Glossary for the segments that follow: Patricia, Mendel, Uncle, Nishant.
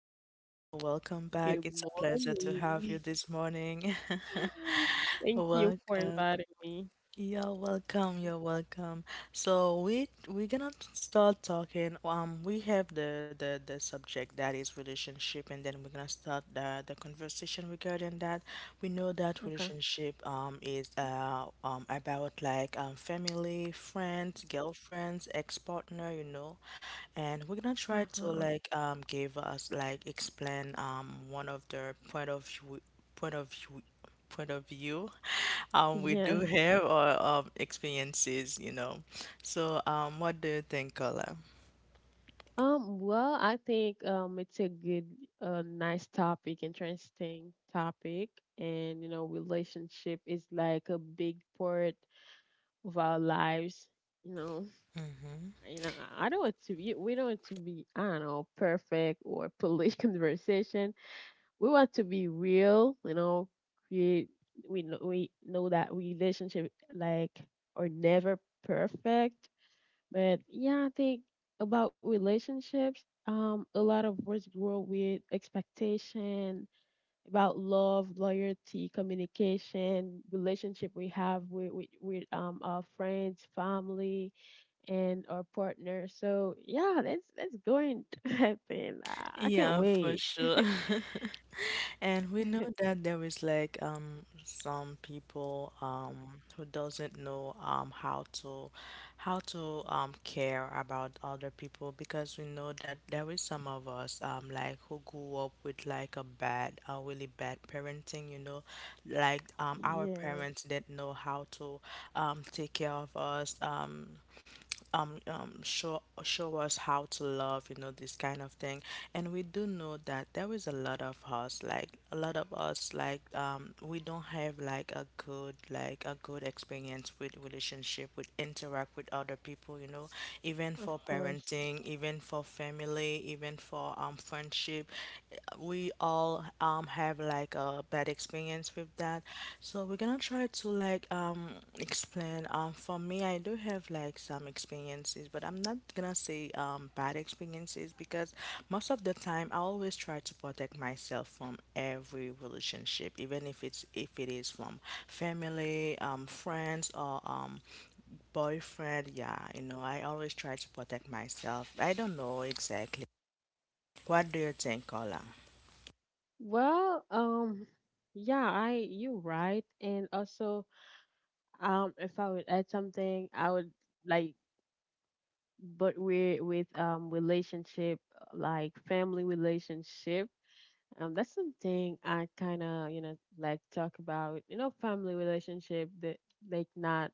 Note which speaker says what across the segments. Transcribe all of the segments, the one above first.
Speaker 1: back, Kola. Welcome back.
Speaker 2: Good
Speaker 1: It's a pleasure to have you
Speaker 2: morning.
Speaker 1: this morning.
Speaker 2: Thank you for
Speaker 1: Welcome.
Speaker 2: inviting me.
Speaker 1: You're welcome. So we're gonna start talking. We have the subject that is relationship, and then we're gonna start the conversation regarding that. We know that
Speaker 2: Okay.
Speaker 1: relationship is about like family, friends, girlfriends, ex partner, you know. And we're gonna try to
Speaker 2: Uh-huh.
Speaker 1: give us like explain one of their point of view point of view point of view We do
Speaker 2: Yeah.
Speaker 1: have our experiences, you know. So, what do you think, Carla?
Speaker 2: Well, I think it's a good nice topic, interesting topic. And you know, relationship is like a big part of our lives. You know,
Speaker 1: Mm-hmm.
Speaker 2: you know, I don't want to be We don't want to be, I don't know, perfect or police conversation. We want to be real, you know, create. We know that relationship like are never perfect. But yeah, I think about relationships, a lot of words grow with expectation, about love, loyalty, communication, relationship we have with our friends, family and our partner. So yeah, that's going to happen. I can't
Speaker 1: Yeah, for
Speaker 2: wait.
Speaker 1: sure. And we know that there is some people who doesn't know how to care about other people, because we know that there is some of us like who grew up with like a really bad parenting, you know, our
Speaker 2: Yeah.
Speaker 1: parents didn't know how to take care of us. Show us how to love, you know, this kind of thing. And we do know that there is a lot of us like a lot of us like we don't have like a good experience with relationship, with interact with other people, you know, even
Speaker 2: Of
Speaker 1: for
Speaker 2: course.
Speaker 1: parenting, even for family, even for friendship. We all have like a bad experience with that. So we're gonna try to explain. For me, I do have like some experiences, but I'm not gonna say bad experiences, because most of the time I always try to protect myself from every relationship, even if it is from family, friends, or boyfriend. Yeah, you know, I always try to protect myself. I don't know exactly. What do you think, Ola?
Speaker 2: Well, yeah, I you're right, and also, if I would add something, like, but we with relationship, like family relationship, that's something I kind of you know like talk about, you know, family relationship that like not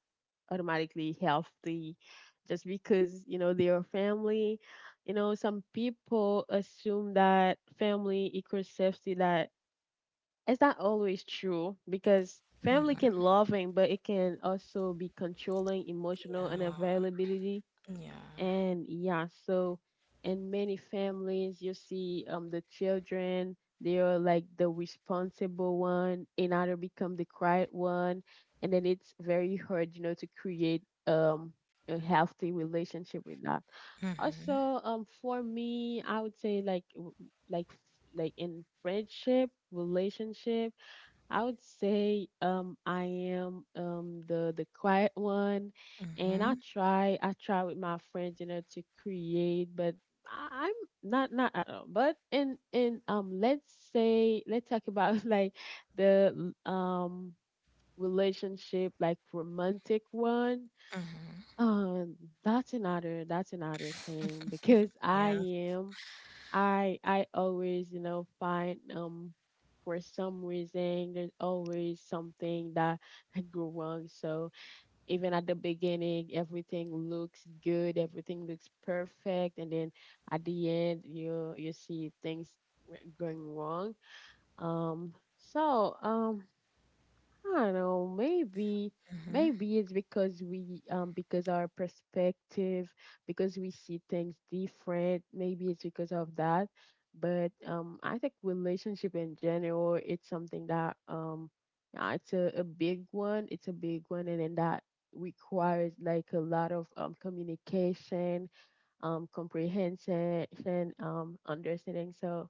Speaker 2: automatically healthy, just because you know they are family, you know, some people assume that family equals safety, that it's not always true because family can loving but it can also be controlling emotional and
Speaker 1: Yeah,
Speaker 2: availability.
Speaker 1: yeah.
Speaker 2: And yeah, so in many families you see the children, they are like the responsible one, another become the quiet one, and then it's very hard you know to create um a healthy relationship with that.
Speaker 1: Mm-hmm.
Speaker 2: Also for me I would say like f- like in friendship relationship, I would say I am the quiet one. And
Speaker 1: Mm-hmm.
Speaker 2: I try with my friends you know to create, but I'm not, not at all, but in let's say let's talk about like the relationship like romantic one.
Speaker 1: Mm-hmm.
Speaker 2: um that's another thing because I
Speaker 1: Yeah.
Speaker 2: am I always, you know, find for some reason there's always something that go wrong. So even at the beginning, everything looks good, everything looks perfect, and then at the end, you see things going wrong. So I don't know. Maybe,
Speaker 1: hmm
Speaker 2: maybe it's because because our perspective, because we see things different. Maybe it's because of that. But I think relationship in general, it's something that yeah, it's a big one. It's a big one, and then that requires like a lot of communication, comprehension, understanding. So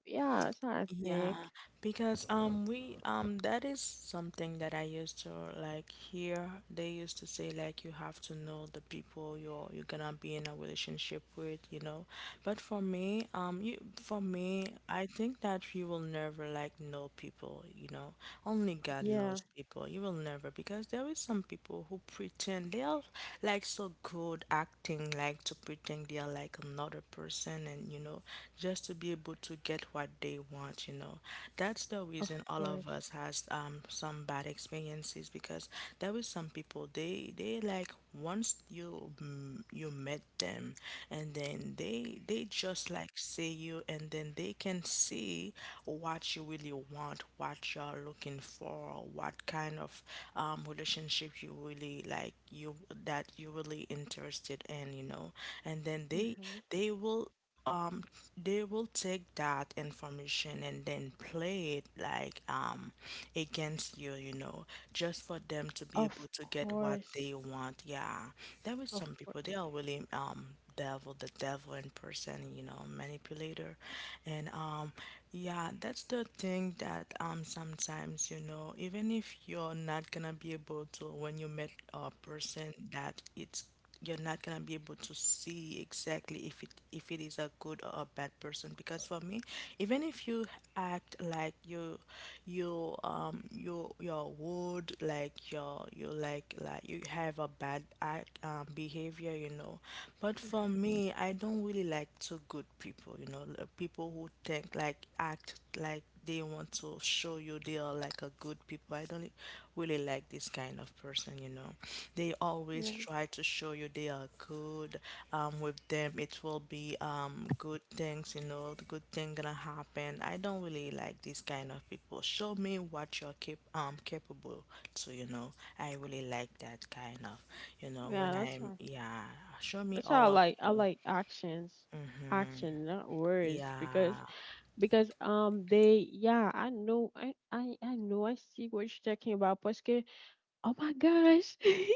Speaker 2: yeah, so I think
Speaker 1: Yeah, because we that is something that I used to like hear. They used to say like you have to know the people you're gonna be in a relationship with, you know. But for me, you for me, I think that you will never like know people, you know. Only God
Speaker 2: yeah,
Speaker 1: knows people. You will never, because there is some people who pretend they are like so good acting, like to pretend they are like another person, and you know, just to be able to get what they want, you know. That's the
Speaker 2: of
Speaker 1: reason all of
Speaker 2: course.
Speaker 1: us has some bad experience experiences, because there is some people, they like once you you met them, and then they just like see you, and then they can see what you really want, what you're looking for, what kind of relationship you really like you that you're really interested in, you know, and then they
Speaker 2: Hmm.
Speaker 1: they will um they will take that information and then play it like against you, you know, just for them to be able
Speaker 2: Of
Speaker 1: to get what they
Speaker 2: course.
Speaker 1: want, yeah. There is
Speaker 2: Of
Speaker 1: some people, they
Speaker 2: course.
Speaker 1: are really devil, the devil in person, you know, manipulator. And yeah, that's the thing that sometimes you know, even if you're not gonna be able to when you met a person that it's you're not gonna be able to see exactly if it is a good or a bad person, because for me, even if you act like you're rude, like you're you like you have a bad act behavior, you know. But for
Speaker 2: Hmm.
Speaker 1: me, I don't really like too good people, you know, people who think like act like they want to show you they are like a good people. I don't really like this kind of person, you know. They always
Speaker 2: Yeah.
Speaker 1: try to show you they are good. With them, it will be good things, you know, the good thing gonna happen. I don't really like this kind of people. Show me what you're capable to, you know. I really like that kind of, you know, when
Speaker 2: Yeah,
Speaker 1: I'm yeah. Show me
Speaker 2: that's how
Speaker 1: all
Speaker 2: I
Speaker 1: of
Speaker 2: like. I
Speaker 1: you.
Speaker 2: like actions.
Speaker 1: Mm-hmm.
Speaker 2: Action, not words. Because
Speaker 1: Yeah.
Speaker 2: they yeah, I know I know I see what you're talking about. Parce, oh my gosh.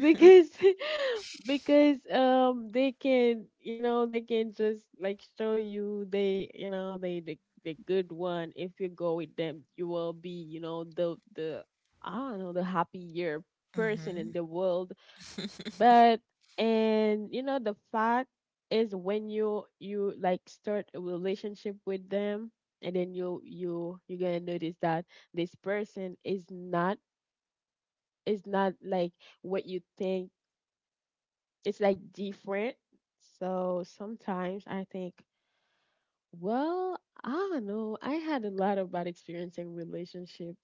Speaker 2: Because because they can you know they can just like show you they you know they the good one. If you go with them you will be you know the I don't know, the happier person
Speaker 1: Mm-hmm.
Speaker 2: in the world. But and you know the fact is when you like start a relationship with them and then you're gonna notice that this person is not, is not like what you think. It's like different. So sometimes I think, well, I don't know. I had a lot of bad experience in relationship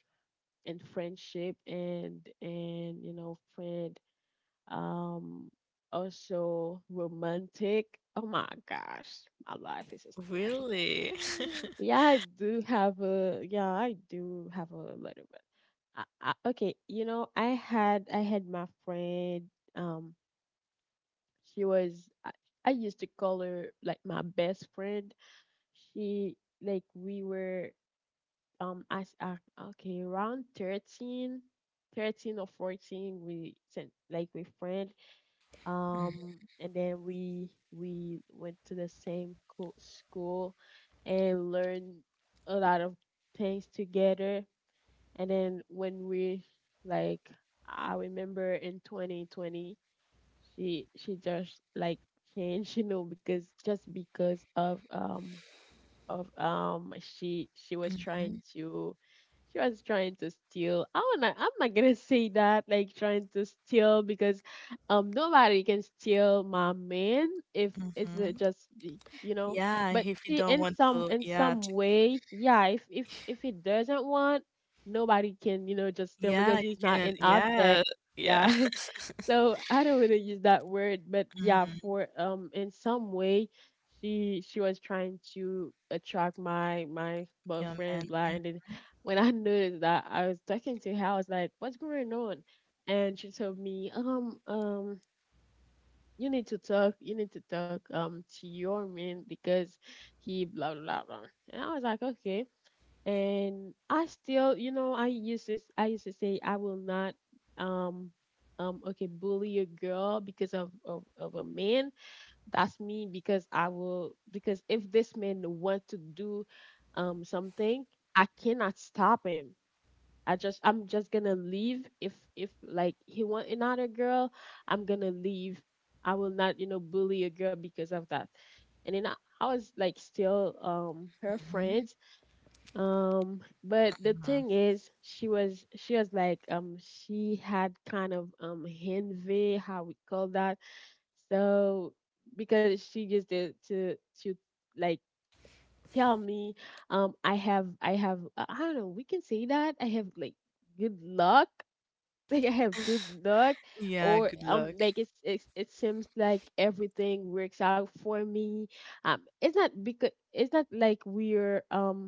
Speaker 2: and friendship and you know, friend um also romantic. Oh my gosh, my life is a story.
Speaker 1: Really?
Speaker 2: Yeah, I do have a yeah, I do have a little bit. Okay, you know, I had my friend. um she was I used to call her like my best friend. She like we were as okay, around 13, 13 or 14 we sent like we friend. And then we went to the same school and learned a lot of things together. And then when we like I remember in 2020 she just like changed, you know, because just because of she was trying
Speaker 1: Mhm,
Speaker 2: to she was trying to steal. I'm not gonna say that like trying to steal because nobody can steal my man if it's
Speaker 1: mhm.
Speaker 2: just you know.
Speaker 1: Yeah,
Speaker 2: But
Speaker 1: if you
Speaker 2: she
Speaker 1: don't
Speaker 2: in
Speaker 1: want
Speaker 2: some, in
Speaker 1: to,
Speaker 2: some way, yeah. If if he doesn't want, nobody can you know just steal
Speaker 1: yeah,
Speaker 2: because
Speaker 1: you
Speaker 2: he's not
Speaker 1: can,
Speaker 2: an
Speaker 1: yeah,
Speaker 2: object.
Speaker 1: yeah.
Speaker 2: Yeah. So I don't want to use that word, but yeah,
Speaker 1: Mhm,
Speaker 2: for in some way she was trying to attract my
Speaker 1: yeah, man.
Speaker 2: boyfriend blind. And when I noticed that I was talking to her, I was like, "What's going on?" And she told me, you need to talk, you need to talk to your man because he blah blah blah blah. And I was like, "Okay," and I still, you know, I used to say I will not um okay bully a girl because of a man. That's me because I will, because if this man want to do something, I cannot stop him. I'm just gonna leave. If like he want another girl, I'm gonna leave. I will not, you know, bully a girl because of that. And then I was like still her
Speaker 1: Mhm,
Speaker 2: friend. But the
Speaker 1: mhm.
Speaker 2: thing is, she was like she had kind of envy, how we call that. So because she used to to like tell me, I have I don't know, we can say that I have like good luck. Like I have good luck,
Speaker 1: Yeah,
Speaker 2: or
Speaker 1: good luck.
Speaker 2: like it's it seems like everything works out for me. It's not because it's not like we're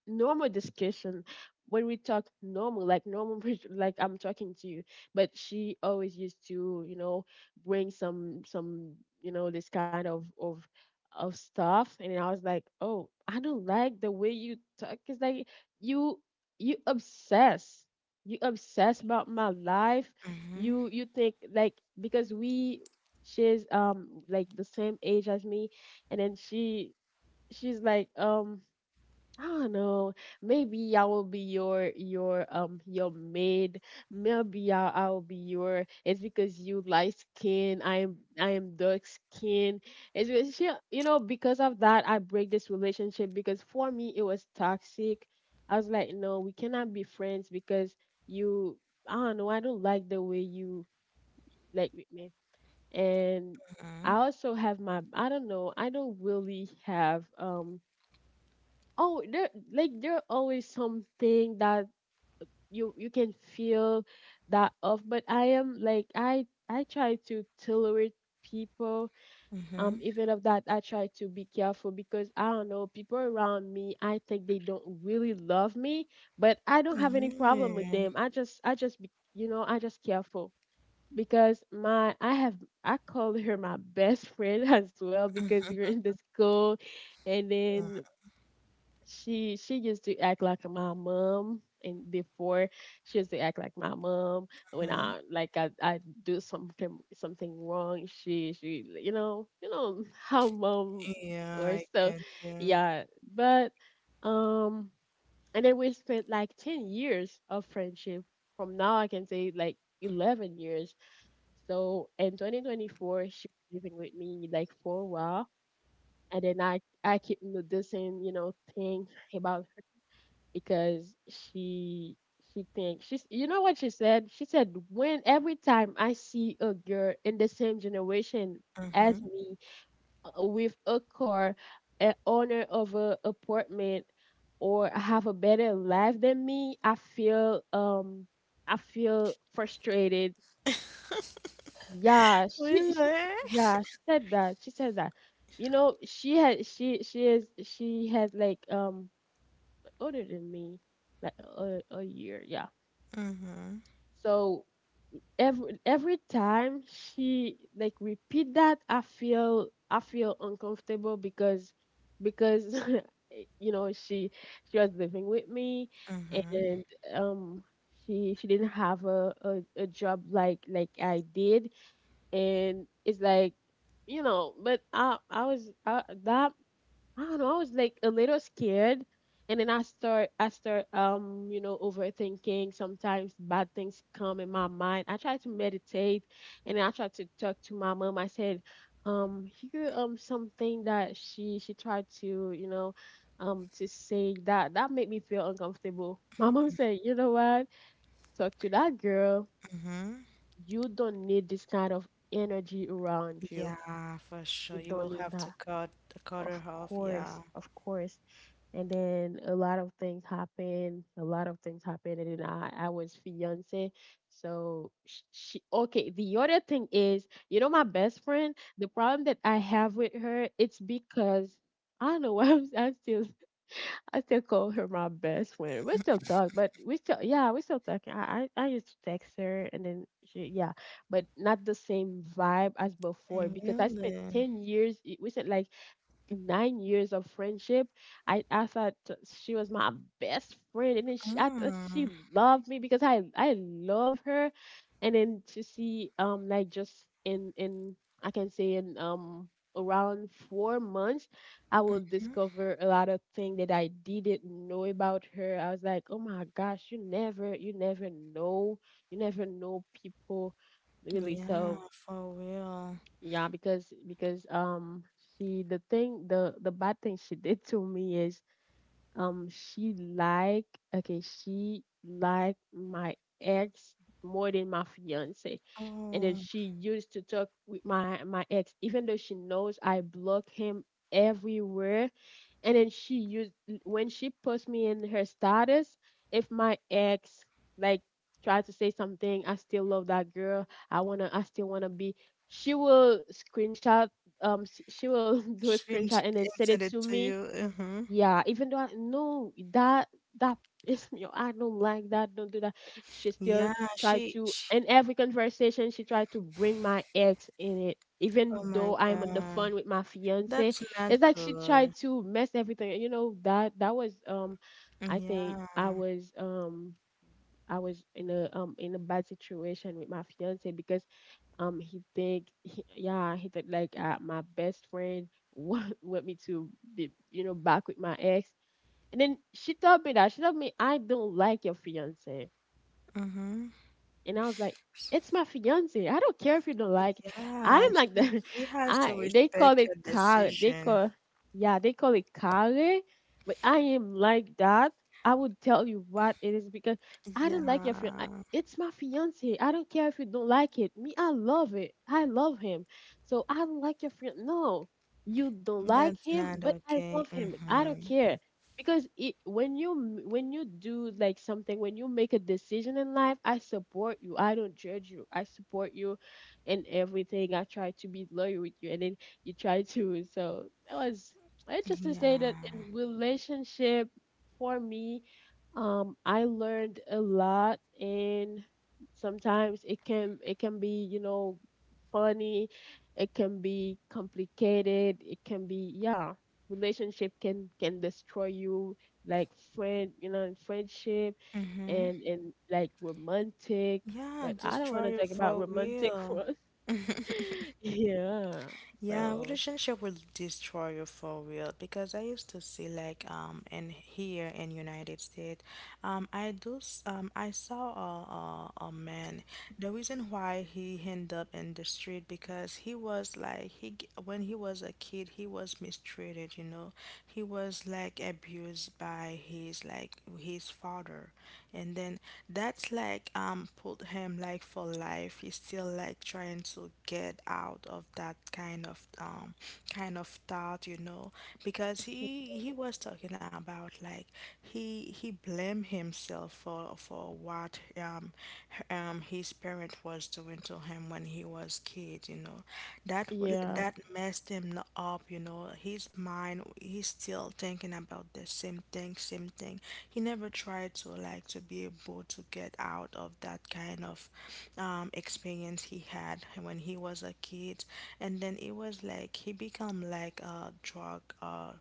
Speaker 2: normal discussion. When we talk normal, like normal like I'm talking to you, but she always used to you know bring some you know this kind of stuff. And I was like, oh, I don't like the way you talk. It's like you you obsess, you obsess about my life.
Speaker 1: Mhm,
Speaker 2: You think like because we she's like the same age as me. And then she's like I don't know. Maybe I will be your your maid. Maybe I will be your. It's because you light skin. I am, I am dark skin. It's because she, you know, because of that I break this relationship because for me it was toxic. I was like, no, we cannot be friends because you. I don't know. I don't like the way you like with me. And I
Speaker 1: mhm,
Speaker 2: also have my. I don't know. I don't really have oh there like there are always something that you can feel that off. But I am like I try to tolerate people,
Speaker 1: mhm,
Speaker 2: even of that I try to be careful because I don't know people around me. I think they don't really love me, but I don't have any problem with
Speaker 1: mhm,
Speaker 2: them. I just be you know I just careful. Because my I have, I call her my best friend as well because we're in the school. And
Speaker 1: yeah,
Speaker 2: then she used to act like my mom. And before she used to act like my mom when
Speaker 1: mhm.
Speaker 2: I do something wrong she you know, you know how mom
Speaker 1: Yeah,
Speaker 2: or
Speaker 1: I
Speaker 2: so,
Speaker 1: get you.
Speaker 2: yeah. But um and then we spent like 10 years of friendship. From now I can say like 11 years. So in 2024 she was living with me like for a while. And then I keep noticing you know things about because she thinks she's. You know what she said? She said when every time I see a girl in the same generation as
Speaker 1: Mhm.
Speaker 2: me, with a car, an owner of a apartment, or have a better life than me, I feel frustrated. Yeah, she
Speaker 1: Really?
Speaker 2: yeah, she said that. She said that. You know, she is, she had like older than me like a year. Yeah.
Speaker 1: Mhm,
Speaker 2: So every time she like repeat that, I feel, I feel uncomfortable. Because you know she was living with me.
Speaker 1: mhm,
Speaker 2: And um she didn't have a job like I did. And it's like you know, but that I don't know, I was like a little scared. And then I start you know, overthinking. Sometimes bad things come in my mind. I try to meditate and I try to talk to my mom. I said, here something that she tried to, you know, to say that that made me feel uncomfortable. My mom said, "You know what? Talk to that girl.
Speaker 1: mhm.
Speaker 2: You don't need this kind of energy around you.
Speaker 1: Yeah, for sure.
Speaker 2: You
Speaker 1: You
Speaker 2: don't
Speaker 1: will
Speaker 2: need
Speaker 1: have to
Speaker 2: that."
Speaker 1: cut
Speaker 2: Of
Speaker 1: her off.
Speaker 2: course,
Speaker 1: Yeah.
Speaker 2: of course, and then a lot of things happened. A lot of things happened, and then I was fiance. So she okay. The other thing is, my best friend. The problem that I have with her, it's because I don't know why I'm still I still call her my best friend. We still talk, but we still yeah, we still talking. I used to text her, and then she yeah, but not the same vibe as before
Speaker 1: I
Speaker 2: because I spent
Speaker 1: really?
Speaker 2: 10 years. It wasn't like 9 years of friendship. I thought she was my best friend, and then I thought
Speaker 1: Mm.
Speaker 2: she loved me because I love her, and then to see like just in I can say in around 4 months, I will discover a lot of things that I didn't know about her. I was like, oh my gosh, you never know people really
Speaker 1: Yeah,
Speaker 2: so.
Speaker 1: for real.
Speaker 2: Yeah, because she the thing the bad thing she did to me is um she like okay she liked my ex more than my fiance, and then
Speaker 1: Oh,
Speaker 2: she used to talk with my ex even though she knows I block him everywhere. And then she used when she puts me in her status, if my ex like try to say something, I still love that girl. I still wanna be, she will screenshot, she will do a
Speaker 1: she didn't
Speaker 2: screenshot and then send
Speaker 1: send
Speaker 2: it
Speaker 1: it
Speaker 2: to
Speaker 1: to
Speaker 2: me,
Speaker 1: you. Mm-hmm.
Speaker 2: yeah, even though I know that that pissed me off. I don't like that. Don't do that. She still
Speaker 1: Yeah,
Speaker 2: tried
Speaker 1: she,
Speaker 2: to,
Speaker 1: she.
Speaker 2: in every conversation she tried to bring my ex in it.
Speaker 1: Oh
Speaker 2: Even
Speaker 1: my
Speaker 2: though I'm on the
Speaker 1: God,
Speaker 2: phone with my fiance.
Speaker 1: that's
Speaker 2: It's
Speaker 1: not
Speaker 2: like she tried
Speaker 1: good.
Speaker 2: to mess everything. That was I think
Speaker 1: Yeah.
Speaker 2: I was in a bad situation with my fiance because he think he, he think like my best friend want me to be back with my ex, and then she told me that. She told me, I don't like your fiance.
Speaker 1: Mm-hmm.
Speaker 2: And I was like, it's my fiance. I don't care if you don't like.
Speaker 1: Yeah,
Speaker 2: I'm like
Speaker 1: she
Speaker 2: the
Speaker 1: she has to
Speaker 2: I they call
Speaker 1: respect
Speaker 2: it
Speaker 1: your
Speaker 2: car. They
Speaker 1: decision.
Speaker 2: call yeah, they call it care, but I am like that. I would tell you what it is because I
Speaker 1: Yeah,
Speaker 2: don't like your fiance. It's my fiance. I don't care if you don't like it. Me, I love it. I love him. So I don't like your friend. No, you don't like
Speaker 1: that's
Speaker 2: him,
Speaker 1: not
Speaker 2: but I
Speaker 1: okay.
Speaker 2: love him. I don't
Speaker 1: Mm-hmm.
Speaker 2: care because it, when you m- when you do like something, when you make a decision in life, I support you, I don't judge you, I support you in everything, I try to be loyal with you, and then you try to so that was, I just to say that in
Speaker 1: Yeah.
Speaker 2: relationship for me, I learned a lot, and sometimes it can, it can be funny. It can be complicated, it can be, yeah, relationship can destroy you, like friend, friendship, and like romantic,
Speaker 1: Yeah,
Speaker 2: but I don't want
Speaker 1: destroy
Speaker 2: to
Speaker 1: you
Speaker 2: talk about
Speaker 1: for
Speaker 2: romantic
Speaker 1: real.
Speaker 2: ones. Yeah.
Speaker 1: Yeah,
Speaker 2: So
Speaker 1: relationship will destroy you for real, because I used to see like in here in United States, I do I saw a man. The reason why he ended up in the street, because he was like when he was a kid he was mistreated. You know, he was like abused by his his father. And then that's like put him like for life, he's still like trying to get out of that kind of thought, you know. Because he was talking about like he blamed himself for what his parent was doing to him when he was kid, you know.
Speaker 2: yeah,
Speaker 1: That messed him up, you know. His mind, he's still thinking about the same thing, same thing. He never tried to like to be able to get out of that kind of experience he had when he was a kid. And then it was like he become like a drug,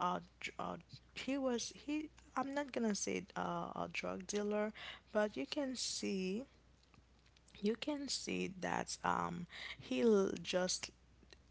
Speaker 1: dr- he was he. I'm not gonna say a drug dealer, but you can see that he'll just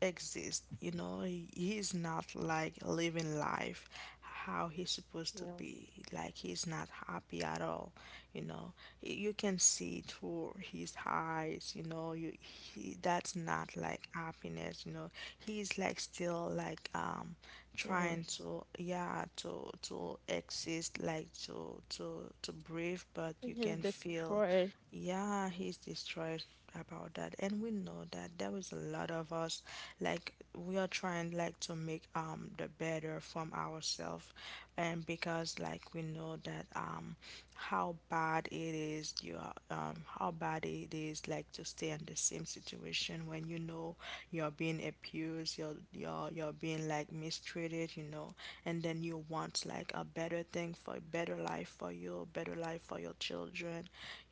Speaker 1: exist, you know. He's not like living life how he's
Speaker 2: yeah,
Speaker 1: supposed to
Speaker 2: of
Speaker 1: be, like he's not happy at all, you know. Y- you can see through his eyes, you know, that's not like happiness, you know. He's like still like trying
Speaker 2: course,
Speaker 1: to yeah to exist, like to breathe, but
Speaker 2: they
Speaker 1: you
Speaker 2: can
Speaker 1: can feel
Speaker 2: destroy.
Speaker 1: yeah he's destroyed about that. And we know that there is a lot of us like we are trying like to make the better from ourselves, and because like we know that how bad it is you are, how bad it is like to stay in the same situation when you know you're being abused, because you're being like mistreated, you know, and then you want like a better thing, for a better life for you, a better life for your children,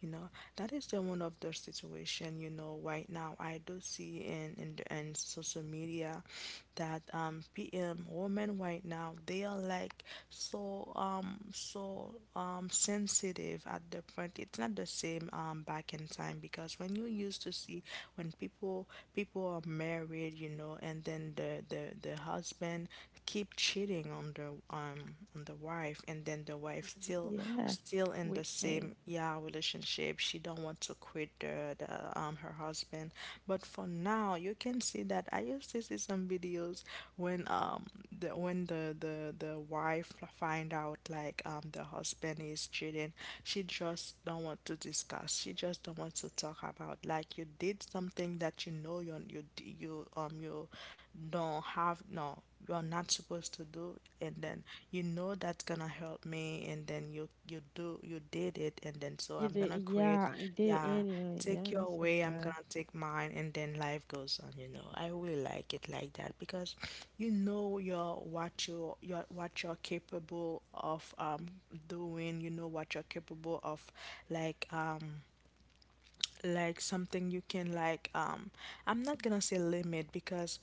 Speaker 1: you know. That is the one of the situation, you know, right now I do see in social media that PM women right now they are like so so sensitive, at the point it's not the same back in time, because when you used to see when people are married, you know, and then the husband keep cheating on the wife, and then the wife
Speaker 2: Mhm.
Speaker 1: still
Speaker 2: Yeah,
Speaker 1: still in
Speaker 2: with
Speaker 1: the
Speaker 2: him.
Speaker 1: same yeah relationship. She don't want to quit the her husband. But for now you can see that I used to see some videos, when the when the wife find out like the husband is cheating, she just don't want to discuss. She just don't want to talk about like you did something that you know you don't have no, you're not supposed to do, and then you know that's gonna help me, and then you do you did it, and then so
Speaker 2: You
Speaker 1: I'm
Speaker 2: did,
Speaker 1: gonna quit,
Speaker 2: yeah, I did
Speaker 1: yeah,
Speaker 2: anyway,
Speaker 1: take
Speaker 2: yeah,
Speaker 1: your
Speaker 2: that's so
Speaker 1: way, I'm
Speaker 2: bad.
Speaker 1: gonna take mine, and then life goes on, you know. I really like it like that, because you know your what you're capable of doing, you know what you're capable of like um something you can I'm not gonna say limit, because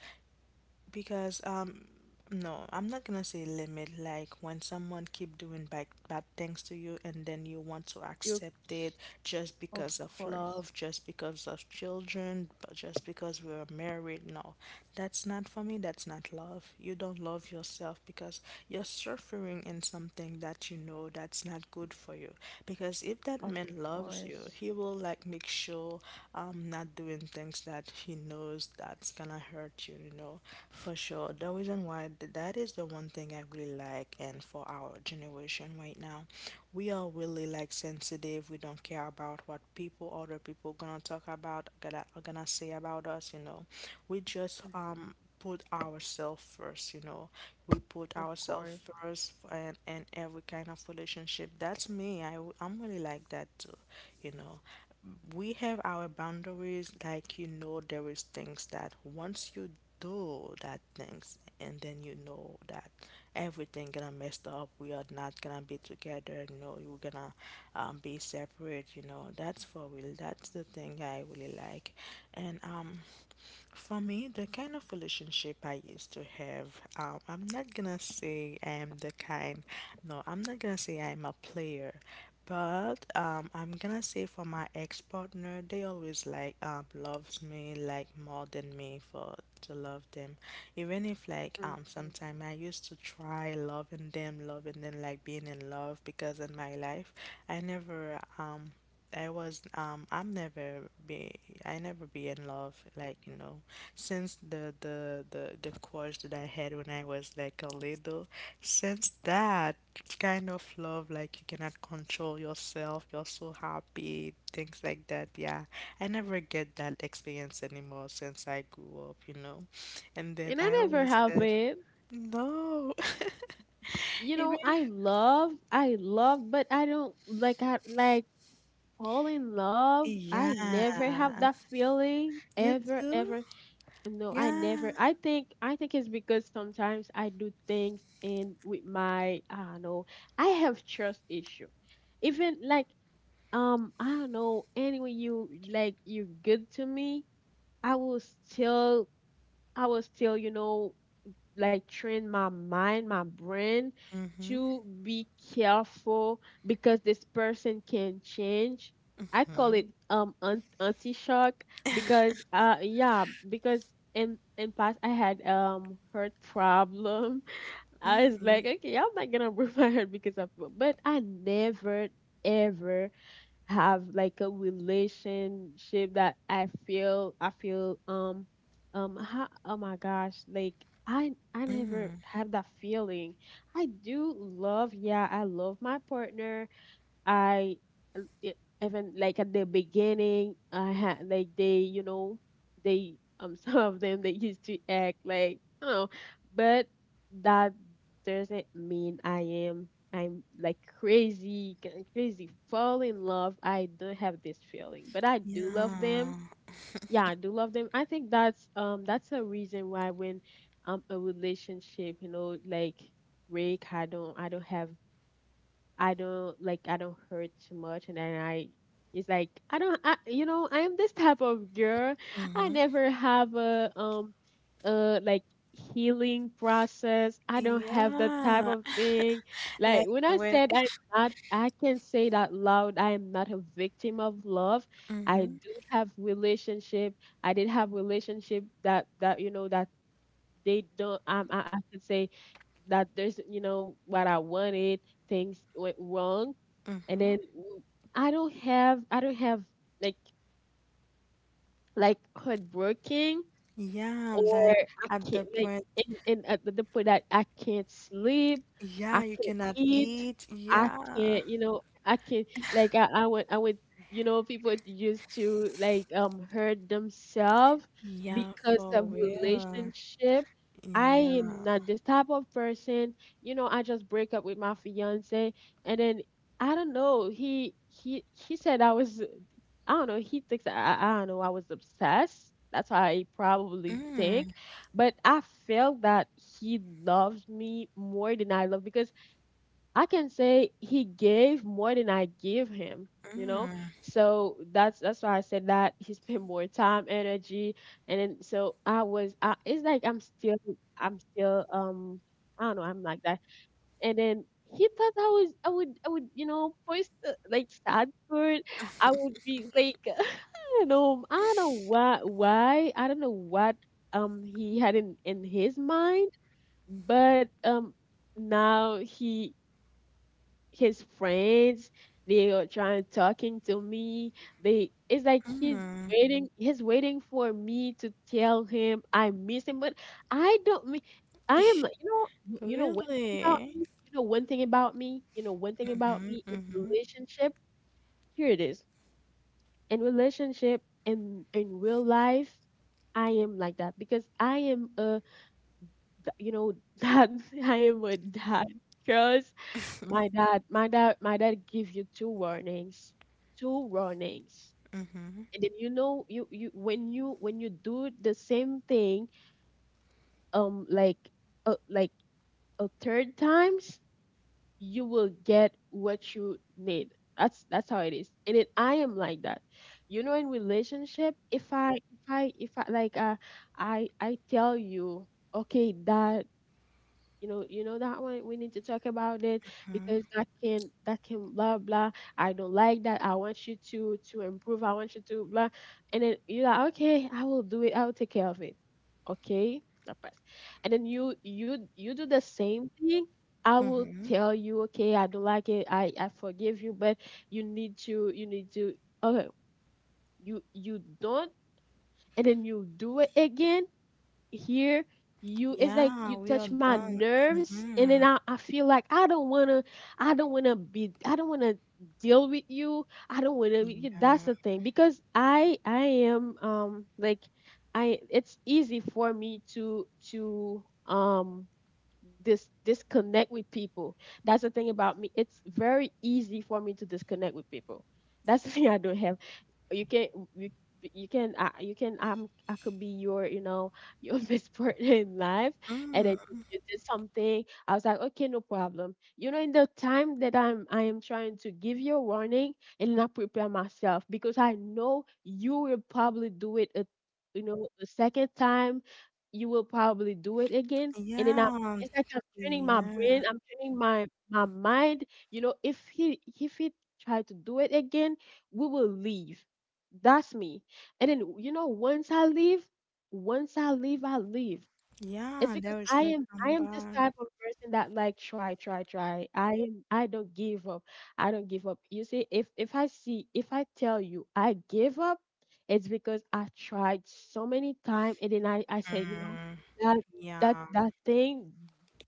Speaker 1: because um no, I'm not gonna say limit. Like when someone keep doing bad, bad things to you, and then you want to
Speaker 2: You,
Speaker 1: accept it just
Speaker 2: of
Speaker 1: because of
Speaker 2: course,
Speaker 1: love, just because of children, but just because we are married. No, that's not for me, that's not love. You don't love yourself, because you're suffering in something that you know that's not good for you, because if that
Speaker 2: of
Speaker 1: man loves you,
Speaker 2: course.
Speaker 1: he will like make sure not doing things that he knows that's gonna hurt you, you know, for sure. The reason why that is the one thing I really like, and for our generation right now, we are really like sensitive. We don't care about what people, other people, gonna talk about, gonna are gonna say about us, you know. We just
Speaker 2: Mm,
Speaker 1: put ourselves first, you know. We put
Speaker 2: of
Speaker 1: ourselves
Speaker 2: course.
Speaker 1: first and in every kind of relationship. That's me. I'm really like that too, you know. We have our boundaries, like you know there is things that once you do that things and then you know that everything gonna messed up. We are not gonna be together, no, you're gonna be separate, you know. That's for real. That's the thing I really like. And for me, the kind of relationship I used to have, I'm not gonna say I'm the kind, no, I'm not gonna say I'm a player, but I'm gonna say for my ex-partner, they always like loves me like more than me for to love them, even if like
Speaker 2: Hmm.
Speaker 1: sometime I used to try loving them like being in love because in my life I never I was I'm never be I never be in love like you know since the crush that I had when I was like a little, since that kind of love like you cannot control yourself, you're so happy, things like that. Yeah, I never get that experience anymore since I grew up, you know. And then
Speaker 2: And I
Speaker 1: I
Speaker 2: never
Speaker 1: always
Speaker 2: have
Speaker 1: said
Speaker 2: it.
Speaker 1: no. Even,
Speaker 2: I love, but I don't like I like fall in love.
Speaker 1: yeah,
Speaker 2: I never have that feeling,
Speaker 1: you
Speaker 2: ever
Speaker 1: too.
Speaker 2: ever. No, I
Speaker 1: Yeah.
Speaker 2: never. I think it's because sometimes I do things, and with my, I don't know. I have trust issue. Even like, I don't know. Anyway, you're good to me. I will still, i will still you know like train my mind, my brain, to be careful because this person can change. I call it, anti shock, because because in past I had, heart problem. I was
Speaker 1: Mm-hmm.
Speaker 2: like, okay, I'm not gonna break my heart because of, but I never ever have like a relationship that I feel oh my gosh, like I never
Speaker 1: Mm,
Speaker 2: have that feeling. I do love, yeah, I love my partner. I l- e- Even like at the beginning, I had like they, you know, they some of them, they used to act like, oh, but that doesn't mean I'm like crazy, crazy fall in love. I don't have this feeling, but I do love them.
Speaker 1: yeah.
Speaker 2: Yeah, I do love them. I think that's, a reason why when, a relationship, like break, I don't have I don't like I don't hurt too much, and then I it's like I don't I, you know I am this type of girl. I never have a, like healing process. I don't have that type
Speaker 1: Yeah.
Speaker 2: of thing. Like
Speaker 1: Like
Speaker 2: when I
Speaker 1: when,
Speaker 2: said I'm not, I can say that loud. I am not a victim of love. I
Speaker 1: hmm.
Speaker 2: do have relationship. I did have relationship that that they don't, I could say that there's, you know what I wanted, things went wrong, and then I don't have like, heartbroken,
Speaker 1: Yeah,
Speaker 2: or
Speaker 1: like
Speaker 2: I
Speaker 1: at the
Speaker 2: can't like
Speaker 1: point,
Speaker 2: and at the point that I can't sleep, I
Speaker 1: yeah, you
Speaker 2: can't
Speaker 1: cannot
Speaker 2: eat,
Speaker 1: eat.
Speaker 2: I
Speaker 1: Yeah.
Speaker 2: can't I can't, like I went, you know, people used to like, hurt themselves
Speaker 1: Yeah,
Speaker 2: because
Speaker 1: for
Speaker 2: of
Speaker 1: real.
Speaker 2: relationship. I
Speaker 1: Yeah.
Speaker 2: am not this type of person. You know, I just break up with my fiance, and then I don't know. He said I was. I don't know. He thinks that I don't know. I was obsessed. That's how he probably think. But I felt that he loves me more than I love because I can say he gave more than I give him. You know, so that's why I said that he spent more time, energy, and then so I was. It's like I'm still. I don't know. I'm like that, and then he thought I would post like sad for it. I would be like I don't know why I don't know what, he had in his mind, but, now, he his friends, they are trying talking to me. They It's like he's
Speaker 1: Mm,
Speaker 2: waiting he's waiting for me to tell him I miss him, but I don't mean. I am you know, you know one thing about
Speaker 1: really?
Speaker 2: me, you know one thing about me, you know one thing about me, in relationship here it is, in relationship, in real life, I am like that because I am a you know that I am a dad, because my dad my dad give you two warnings, two warnings,
Speaker 1: Mm-hmm.
Speaker 2: and then you when you do the same thing, um like like a third times, you will get what you need. That's how it is, and then I am like that. In relationship, if I if I like, I tell you, okay dad, you know, you know that one, we need to talk about it because that can blah blah. I don't like that. I want you to improve. I want you to blah, and then you're like, okay, I will do it. I will take care of it. Okay, I pass. And then you do the same thing. I will
Speaker 1: Mm-hmm.
Speaker 2: tell you, okay, I don't like it. I forgive you, but you need to, okay. You don't, and then you do it again. Here, you it's like
Speaker 1: Yeah,
Speaker 2: you
Speaker 1: we are
Speaker 2: touch my
Speaker 1: done.
Speaker 2: nerves, and
Speaker 1: Mm-hmm.
Speaker 2: then I feel like I don't wanna be I don't wanna deal with you. I don't wanna be- Yeah, that's
Speaker 1: Yeah.
Speaker 2: the thing because I am, like, I it's easy for me to disconnect with people. That's the thing about me. It's very easy for me to disconnect with people. That's the thing. I don't have, you can you, you can I could be your your best partner in life, and then you
Speaker 1: Mm,
Speaker 2: you did something. I was like, okay, no problem, you know, in the time that I am trying to give you a warning and not prepare myself because I know you will probably do it a second time. You will probably do it again. And then I
Speaker 1: yeah.
Speaker 2: It's like I'm training my
Speaker 1: Yeah.
Speaker 2: brain, I'm training my mind, you know, if he try to do it again, we will leave. That's me. And then, you know, once I leave, I leave. It's
Speaker 1: Yeah,
Speaker 2: because
Speaker 1: there is
Speaker 2: I
Speaker 1: no
Speaker 2: am I am this
Speaker 1: comeback.
Speaker 2: type of person that like try, try, try. I don't give up. I don't give up. You see, if I tell you I give up, it's because I tried so many times, and then I said, you know,
Speaker 1: Mm,
Speaker 2: that that
Speaker 1: yeah.
Speaker 2: that thing,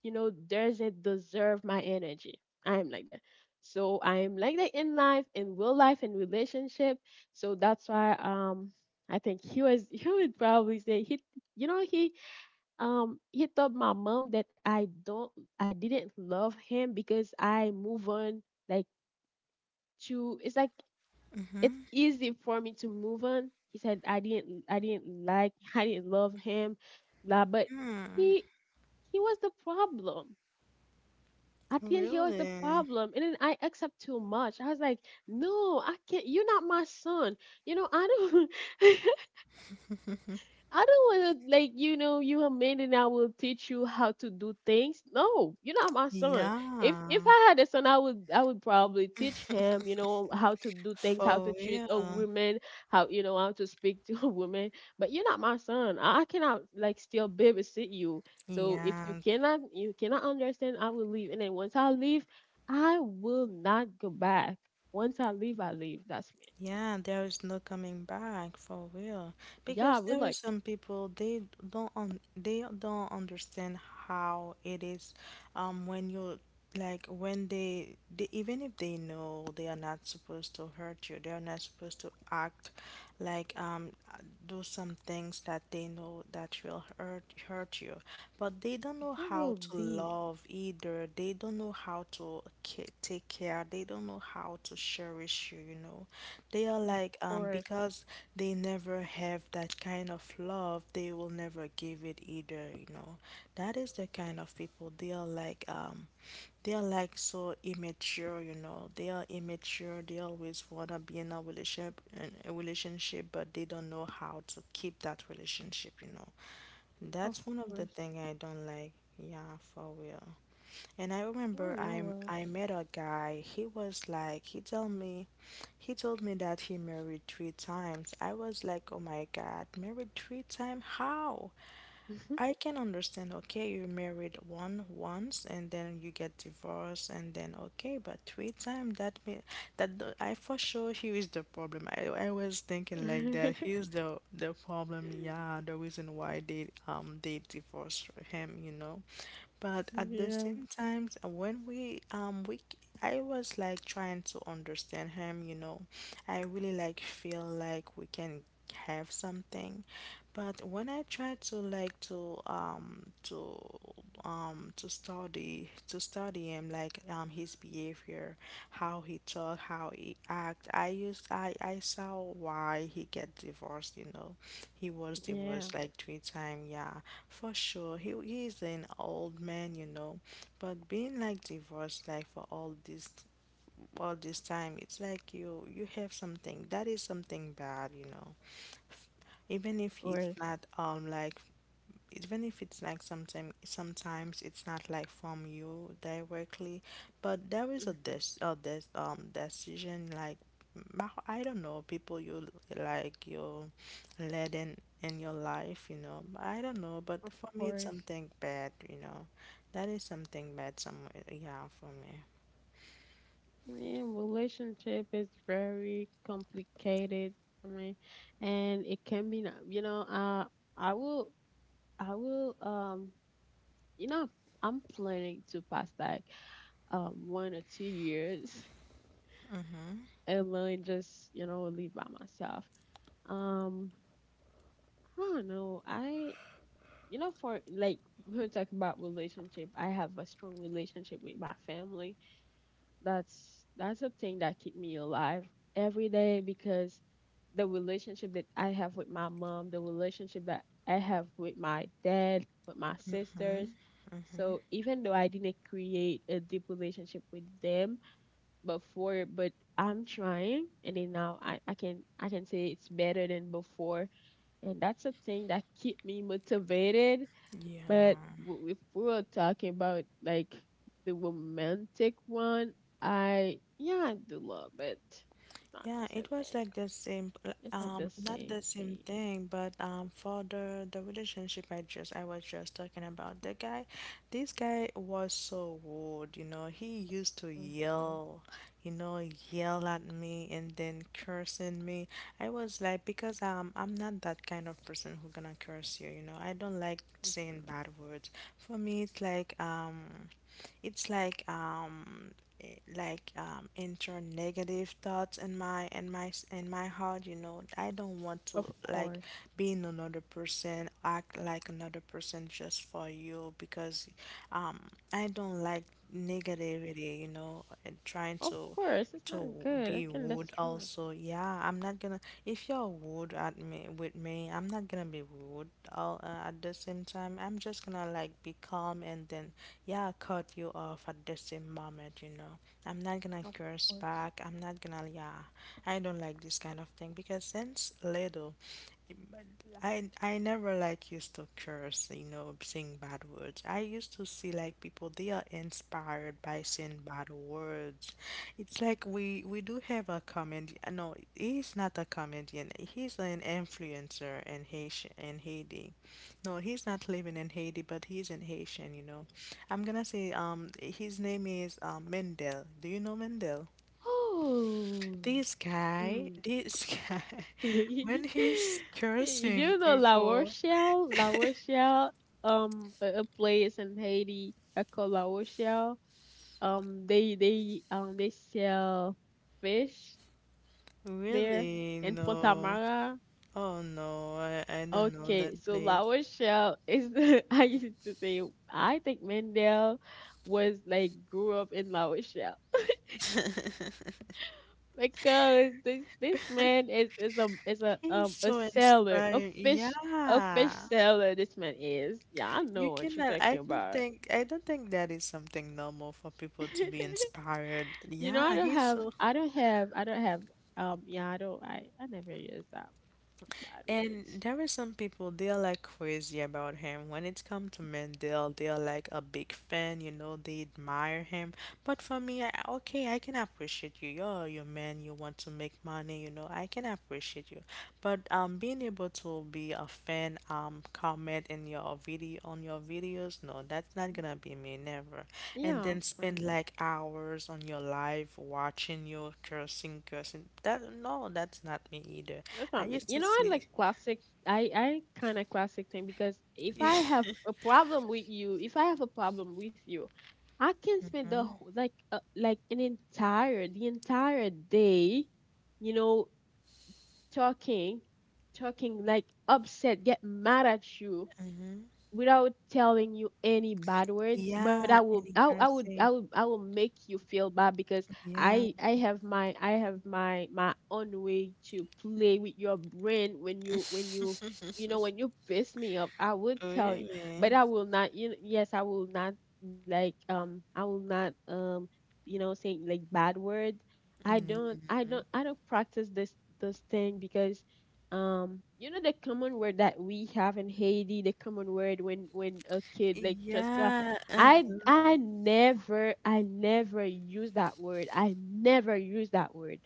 Speaker 2: doesn't deserve my energy. I am like that. So I am like that in life, in real life, in relationship. So that's why I think he was he would probably say he you know he told my mom that I didn't love him because I move on, like to it's like it's easy for me to move on. He said I didn't like I didn't love him, blah, but
Speaker 1: Mm-hmm.
Speaker 2: he he was the problem. I think he was the
Speaker 1: Really?
Speaker 2: problem, and then I accept too much. I was like, no, I can't, you're not my son. You know, I don't I don't want to, like, you know, you a man and I will teach you how to do things. No, you're not my son. If
Speaker 1: Yeah,
Speaker 2: I had a son, I would probably teach him, you know, how to do things, how
Speaker 1: for
Speaker 2: to treat a
Speaker 1: real.
Speaker 2: woman, how, you know, how to speak to a woman. But you're not my son. I cannot like still babysit you. So if you
Speaker 1: Yeah,
Speaker 2: cannot, you cannot understand, I will leave. And then once I leave, I will not go back. Once I leave, I leave. That's me.
Speaker 1: yeah, there is no coming back for real.
Speaker 2: Yeah,
Speaker 1: Because
Speaker 2: we're
Speaker 1: there is
Speaker 2: like,
Speaker 1: some people, they don't un they don't understand how it is when you, like when they even if they know they are not supposed to hurt you, they are not supposed to act like do some things that they know that will hurt you, but they don't know
Speaker 2: they
Speaker 1: how
Speaker 2: will
Speaker 1: to
Speaker 2: be,
Speaker 1: love either, they don't know how to take care, they don't know how to cherish you, you know. They are
Speaker 2: of
Speaker 1: like
Speaker 2: course.
Speaker 1: because they never have that kind of love, they will never give it either, you know. That is the kind of people. They are like they are like so immature, you know. They are immature. They always wanna be in a relationship, but they don't know how to keep that relationship, you know. That's
Speaker 2: Of
Speaker 1: one of the
Speaker 2: course.
Speaker 1: thing I don't like. Yeah, for real. And I remember
Speaker 2: Oh
Speaker 1: I
Speaker 2: no.
Speaker 1: I met a guy. He was like he told me that he married three times. I was like, oh my God, married three times? How?
Speaker 2: Well.
Speaker 1: I can understand, okay, you married one once and then you get divorced and then okay, but three times, that mean I for sure he is the problem. I was thinking like that. He is the problem, yeah, the reason why they divorced him, you know. But at the same
Speaker 2: Yeah.
Speaker 1: time, when we I was like trying to understand him, you know. I really like feel like we can have something, but when I tried to like to study, to study him, like his behavior, how he talk, how he act, I used I saw why he get divorced, you know. He was
Speaker 2: Yeah.
Speaker 1: divorced
Speaker 2: Of
Speaker 1: like three times, yeah. For sure. He he's an old man, you know. But being like divorced like for all this, all this time, it's like you have something that is something bad, you know, even if it's
Speaker 2: course.
Speaker 1: not like, even if it's like something, sometimes it's not like from you directly, but there is a
Speaker 2: Mhm.
Speaker 1: this this decision like I don't know, people you, like you led in your life, you know, I don't know, but
Speaker 2: Of
Speaker 1: for me it's
Speaker 2: course.
Speaker 1: something bad, you know, that is something bad somewhere, yeah, for me.
Speaker 2: Yeah. Relationship is very complicated. I mean, and it can be. You know. I will. I will. You know. I'm planning to pass like 1 or 2 years
Speaker 1: Mm-hmm.
Speaker 2: and then just, you know, live by myself. Um. I don't know. I You know, for like when we talk about relationship, I have a strong relationship with my family. That's a thing that keep me alive every day because the relationship that I have with my mom, the relationship that I have with my dad, with my sisters. So even though I didn't create a deep relationship with them before, but I'm trying, and then now I can I can say it's better than before. And that's a thing that keep me motivated. But
Speaker 1: Yeah.
Speaker 2: if we were talking about like the romantic one, I yeah, I do love it. It's not
Speaker 1: Yeah,
Speaker 2: the
Speaker 1: it
Speaker 2: same
Speaker 1: was
Speaker 2: thing.
Speaker 1: like the same,
Speaker 2: It's not the
Speaker 1: not the
Speaker 2: same
Speaker 1: same
Speaker 2: thing.
Speaker 1: thing, but for the relationship I just, I was just talking about, the guy, this guy was so rude, you know. He used to
Speaker 2: Mm-hmm,
Speaker 1: yell, you know, yell at me and then cursing me. I was like, because I'm not that kind of person who gonna curse you, you know. I don't like saying
Speaker 2: mm-hmm.
Speaker 1: bad words. For me, it's like It's like like enter negative thoughts in my in my heart, you know. I don't want
Speaker 2: Of
Speaker 1: to like
Speaker 2: course,
Speaker 1: being another person, act like another person just for you because I don't like negativity, you know, and trying
Speaker 2: of course, it's not
Speaker 1: to
Speaker 2: good. I
Speaker 1: be
Speaker 2: can
Speaker 1: rude
Speaker 2: destroy.
Speaker 1: also. Yeah, I'm not gonna, if you're rude at me, with me, I'm not gonna be rude all, at the same time I'm just gonna like be calm and then yeah, cut you off at the same moment, you know. I'm not gonna
Speaker 2: Of
Speaker 1: curse
Speaker 2: course.
Speaker 1: back. I'm not gonna, yeah. I don't like this kind of thing because since little, I never like used to curse, you know, saying bad words. I used to see like people they are inspired by saying bad words. It's like we do have a comedian. No, he's not a comedian. He's an influencer in Haitian in Haiti. No, he's not living in Haiti, but he's in Haitian. You know, I'm gonna say his name is Mendel. Do you know Mendel?
Speaker 2: Oh. Mm.
Speaker 1: This guy, when he's cursing
Speaker 2: You know La
Speaker 1: people,
Speaker 2: Rochelle? La Rochelle, a place in Haiti. I call La Rochelle. They they sell fish there
Speaker 1: really,
Speaker 2: and
Speaker 1: no.
Speaker 2: Fontamara.
Speaker 1: Oh no, I don't know
Speaker 2: Okay,
Speaker 1: that
Speaker 2: so La
Speaker 1: place.
Speaker 2: Rochelle is the I used to say I think Mendel was like grew up in La Rochelle because this man is is a is a
Speaker 1: He's
Speaker 2: um a
Speaker 1: so
Speaker 2: seller, a
Speaker 1: inspiring.
Speaker 2: fish, a fish
Speaker 1: Yeah.
Speaker 2: seller. This man is, yeah, I
Speaker 1: You
Speaker 2: know what you're
Speaker 1: cannot,
Speaker 2: talking about.
Speaker 1: I don't think that is something normal for people to be inspired.
Speaker 2: You know,
Speaker 1: Yeah, he's so.
Speaker 2: I don't have, yeah, I never use that. Some bad
Speaker 1: And
Speaker 2: words.
Speaker 1: there are some people, they are like crazy about him. When it comes to Mandel, they are like a big fan, you know, they admire him. But for me, I, okay, I can appreciate you. You're your man, you want to make money, you know, I can appreciate you. But being able to be a fan, comment in your video, on your videos, no, that's not gonna be me, never. And
Speaker 2: Yeah, of
Speaker 1: then
Speaker 2: course.
Speaker 1: spend like hours on your live watching you cursing, cursing. That no, that's not me either.
Speaker 2: That's
Speaker 1: I
Speaker 2: not me.
Speaker 1: used
Speaker 2: You
Speaker 1: to
Speaker 2: know, I
Speaker 1: see.
Speaker 2: like classic, I kind of classic thing because if I have a problem with you, if I have a problem with you, I can spend the, like an entire, the entire day, you know, talking, talking, like upset, get mad at you
Speaker 1: Mm-hmm.
Speaker 2: without telling you any bad words, but
Speaker 1: Yeah, and
Speaker 2: I would, i
Speaker 1: encouraging.
Speaker 2: would I will make you feel bad because
Speaker 1: Yeah.
Speaker 2: I have my my own way to play with your brain when you, you know, when you piss me up. I would tell you, but
Speaker 1: Really?
Speaker 2: I will not, you know, yes, I will not like, I will not, saying like bad words. i don't i
Speaker 1: Mm-hmm.
Speaker 2: don't I don't practice this thing because, um, you know, the common word that we have in Haiti, the common word when a kid like just,
Speaker 1: Yeah. Uh-huh.
Speaker 2: I never use that word. I never use that word.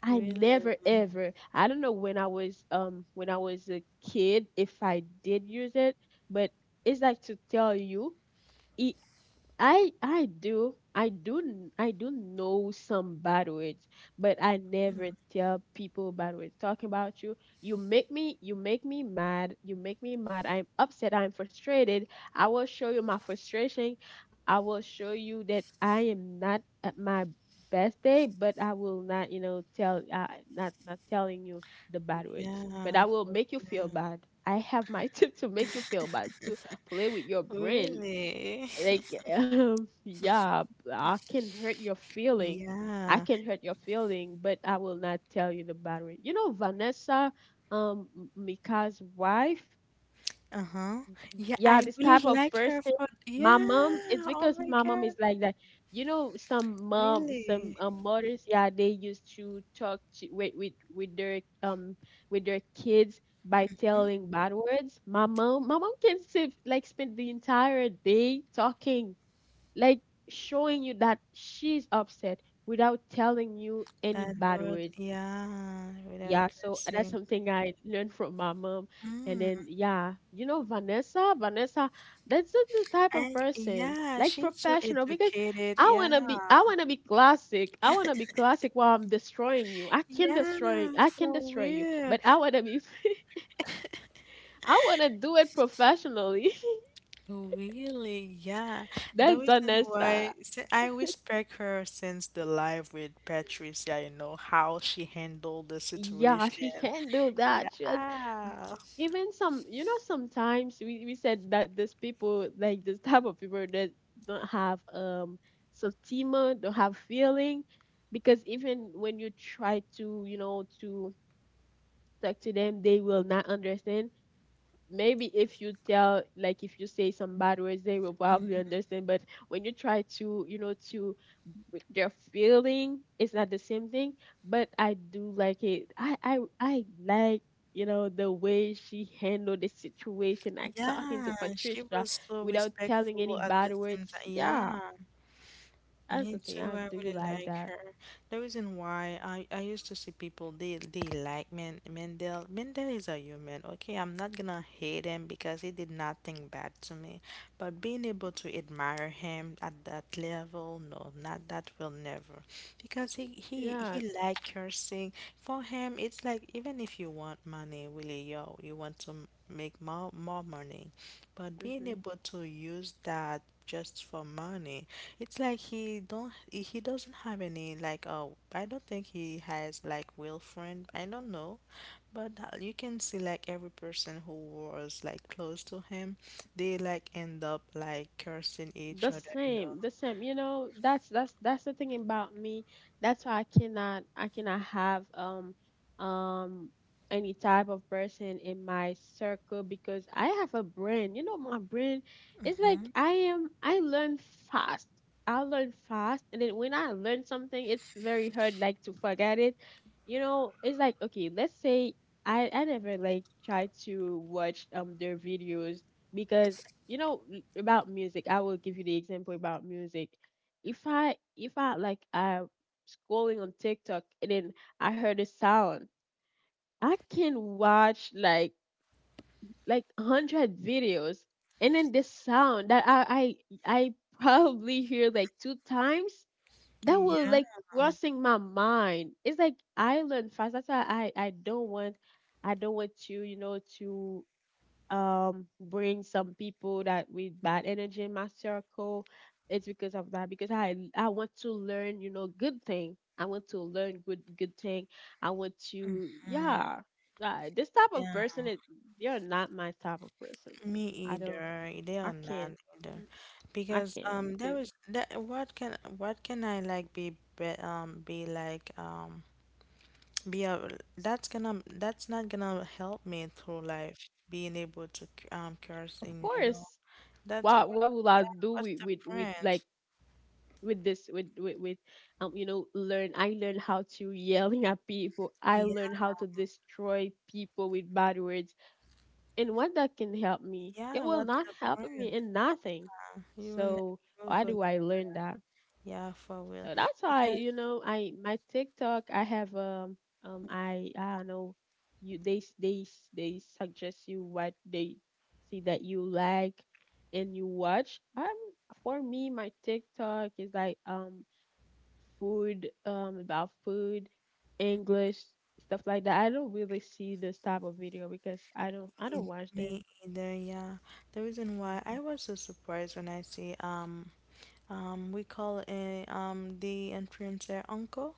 Speaker 2: I
Speaker 1: Really?
Speaker 2: never ever, I don't know when I was, when I was a kid, if I did use it, but it's like to tell you it, I do know some bad words, but I never tell people bad words. Talking about you, you make me mad. You make me mad. I'm upset. I'm frustrated. I will show you my frustration. I will show you that I am not at my best day, but I will not, you know, tell, not telling you the bad words. But I
Speaker 1: Yeah.
Speaker 2: will make you feel bad. I have my tip to make you feel bad, to play with your brain
Speaker 1: Really?
Speaker 2: like, yeah, I can hurt your feeling, i
Speaker 1: Yeah.
Speaker 2: can hurt your feeling but I will not tell you the bad battery. You know Vanessa, Mika's wife,
Speaker 1: Uh-huh. Yeah,
Speaker 2: yeah,
Speaker 1: I
Speaker 2: this
Speaker 1: really
Speaker 2: type of
Speaker 1: like her
Speaker 2: person.
Speaker 1: for yeah.
Speaker 2: My mom, it's
Speaker 1: Oh
Speaker 2: because
Speaker 1: my
Speaker 2: my mom is
Speaker 1: God.
Speaker 2: like that. You know, some mom, some,
Speaker 1: Really?
Speaker 2: mothers, yeah, they used to talk to with, with their, um, with their kids by telling bad words. My mom can sit like spend the entire day talking like showing you that she's upset without telling you any
Speaker 1: Bad
Speaker 2: bad
Speaker 1: word.
Speaker 2: words.
Speaker 1: Yeah. Without
Speaker 2: Yeah, so that's
Speaker 1: cursing.
Speaker 2: something I learned from my mom. And
Speaker 1: Mm.
Speaker 2: then, yeah, you know, Vanessa, Vanessa, that's just the type of
Speaker 1: And
Speaker 2: person,
Speaker 1: yeah,
Speaker 2: like
Speaker 1: she's so
Speaker 2: professional, because
Speaker 1: educated.
Speaker 2: I
Speaker 1: Yeah.
Speaker 2: wanna be classic. I wanna be classic while I'm destroying you.
Speaker 1: Yeah,
Speaker 2: I can
Speaker 1: for
Speaker 2: destroy you,
Speaker 1: real.
Speaker 2: but I wanna be, I wanna do it professionally.
Speaker 1: Really, yeah. The
Speaker 2: That's
Speaker 1: reason why
Speaker 2: Vanessa.
Speaker 1: I respect her since the live with Patricia, you know, how she handled the
Speaker 2: Yeah, she
Speaker 1: situation.
Speaker 2: can do that. She was,
Speaker 1: Yeah.
Speaker 2: even some, you know, sometimes we said that these people like this type of people that don't have, sentiment, don't have feeling, because even when you try to, you know, to talk to them, they will not understand. Maybe if you tell, like, if you say some bad words, they will probably understand, but when you try to, you know, to with their feeling, it's not the same thing. But I do like it. I like, you know, the way she handled the situation, like talking to
Speaker 1: Yeah, she
Speaker 2: Patricia
Speaker 1: was so
Speaker 2: without telling any
Speaker 1: respectful at the
Speaker 2: bad
Speaker 1: same time.
Speaker 2: words. Yeah,
Speaker 1: Yeah.
Speaker 2: that's the
Speaker 1: Me
Speaker 2: thing
Speaker 1: too.
Speaker 2: I
Speaker 1: I
Speaker 2: do
Speaker 1: really
Speaker 2: like
Speaker 1: like
Speaker 2: that.
Speaker 1: her. The reason why I used to see people, they like Man Mendel. Mendel is a human. Okay, I'm not gonna hate him because he did nothing bad to me. But being able to admire him at that level, no, not that will never. Because he he
Speaker 2: Yeah.
Speaker 1: he like her sing. For him, it's like even if you want money, really, yo, you want to make more money, but being
Speaker 2: Mm-hmm.
Speaker 1: able to use that just for money, it's like he doesn't have any like, oh, I don't think he has like real friend, I don't know, but you can see like every person who was like close to him, they like end up like cursing each
Speaker 2: The
Speaker 1: other, you know.
Speaker 2: same, the same. You know, that's that's the thing about me. That's why I cannot have, um any type of person in my circle because I have a brain. You know, my brain, it's like I learn fast. I learn fast, and then when I learn something, it's very hard like to forget it. You know, it's like, okay, let's say I never like try to watch, um, their videos because, you know, about music, I will give you the example about music. If I scrolling on TikTok, and then I heard a sound, I can watch like 100 videos, and then the sound that I probably hear like two times, that will
Speaker 1: Yeah.
Speaker 2: like crossing my mind. It's like I learn fast. That's why I don't want, I don't want you, you know, to, um, bring some people that with bad energy in my circle. It's because of that, because I want to learn, you know, good thing. I want to learn good, thing. I want to,
Speaker 1: Mm,
Speaker 2: yeah, that- this type of
Speaker 1: yeah,
Speaker 2: person is, you're not my type of person.
Speaker 1: me
Speaker 2: i don't
Speaker 1: either. They
Speaker 2: I
Speaker 1: are not
Speaker 2: can't.
Speaker 1: either,
Speaker 2: Mm, I
Speaker 1: because
Speaker 2: can't
Speaker 1: there
Speaker 2: because,
Speaker 1: was that, what can I like be like Yeah, well, that's gonna, that's not gonna help me through life, being able to curse
Speaker 2: of
Speaker 1: in, you know.
Speaker 2: course,
Speaker 1: That's what.
Speaker 2: what will I
Speaker 1: Yeah,
Speaker 2: do
Speaker 1: what's
Speaker 2: with,
Speaker 1: the
Speaker 2: with, with like
Speaker 1: point?
Speaker 2: with this with with, with um, you know, learn, I learned how to yelling at people, I
Speaker 1: Yeah,
Speaker 2: learned how to destroy people with bad words, and what that can help me? It
Speaker 1: yeah,
Speaker 2: will
Speaker 1: what's
Speaker 2: not
Speaker 1: the
Speaker 2: help me
Speaker 1: point?
Speaker 2: in nothing.
Speaker 1: Yeah, you will never,
Speaker 2: So
Speaker 1: you will
Speaker 2: why
Speaker 1: go,
Speaker 2: do I learn that?
Speaker 1: yeah, for real.
Speaker 2: So that's why,
Speaker 1: Because
Speaker 2: you know, I my TikTok, I have, um, I don't know, you, they suggest you what they see that you like and you watch. For me, my TikTok is like, um, food, about food, English, stuff like that. I don't really see this type of video because I don't
Speaker 1: me,
Speaker 2: watch them.
Speaker 1: me either, yeah. The reason why I was so surprised when I see we call a the influencer uncle.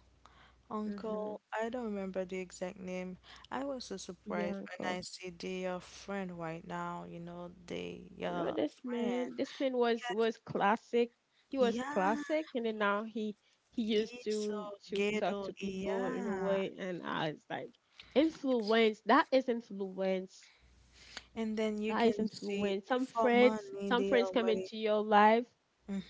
Speaker 2: Mm-hmm.
Speaker 1: Uncle, I don't remember the exact name. I was so
Speaker 2: Yeah,
Speaker 1: surprised when
Speaker 2: uncle.
Speaker 1: I see their friend right now, you know, their
Speaker 2: You know this
Speaker 1: friend.
Speaker 2: man. Was classic. He was
Speaker 1: Yeah,
Speaker 2: classic, and then now he used
Speaker 1: he's so
Speaker 2: to talk
Speaker 1: ghetto,
Speaker 2: to people in a
Speaker 1: yeah.
Speaker 2: way, and I was like influence. That is influence.
Speaker 1: And then you
Speaker 2: That is
Speaker 1: can see
Speaker 2: influence. Some
Speaker 1: for
Speaker 2: friends,
Speaker 1: money
Speaker 2: some
Speaker 1: they
Speaker 2: friends come
Speaker 1: already.
Speaker 2: into your life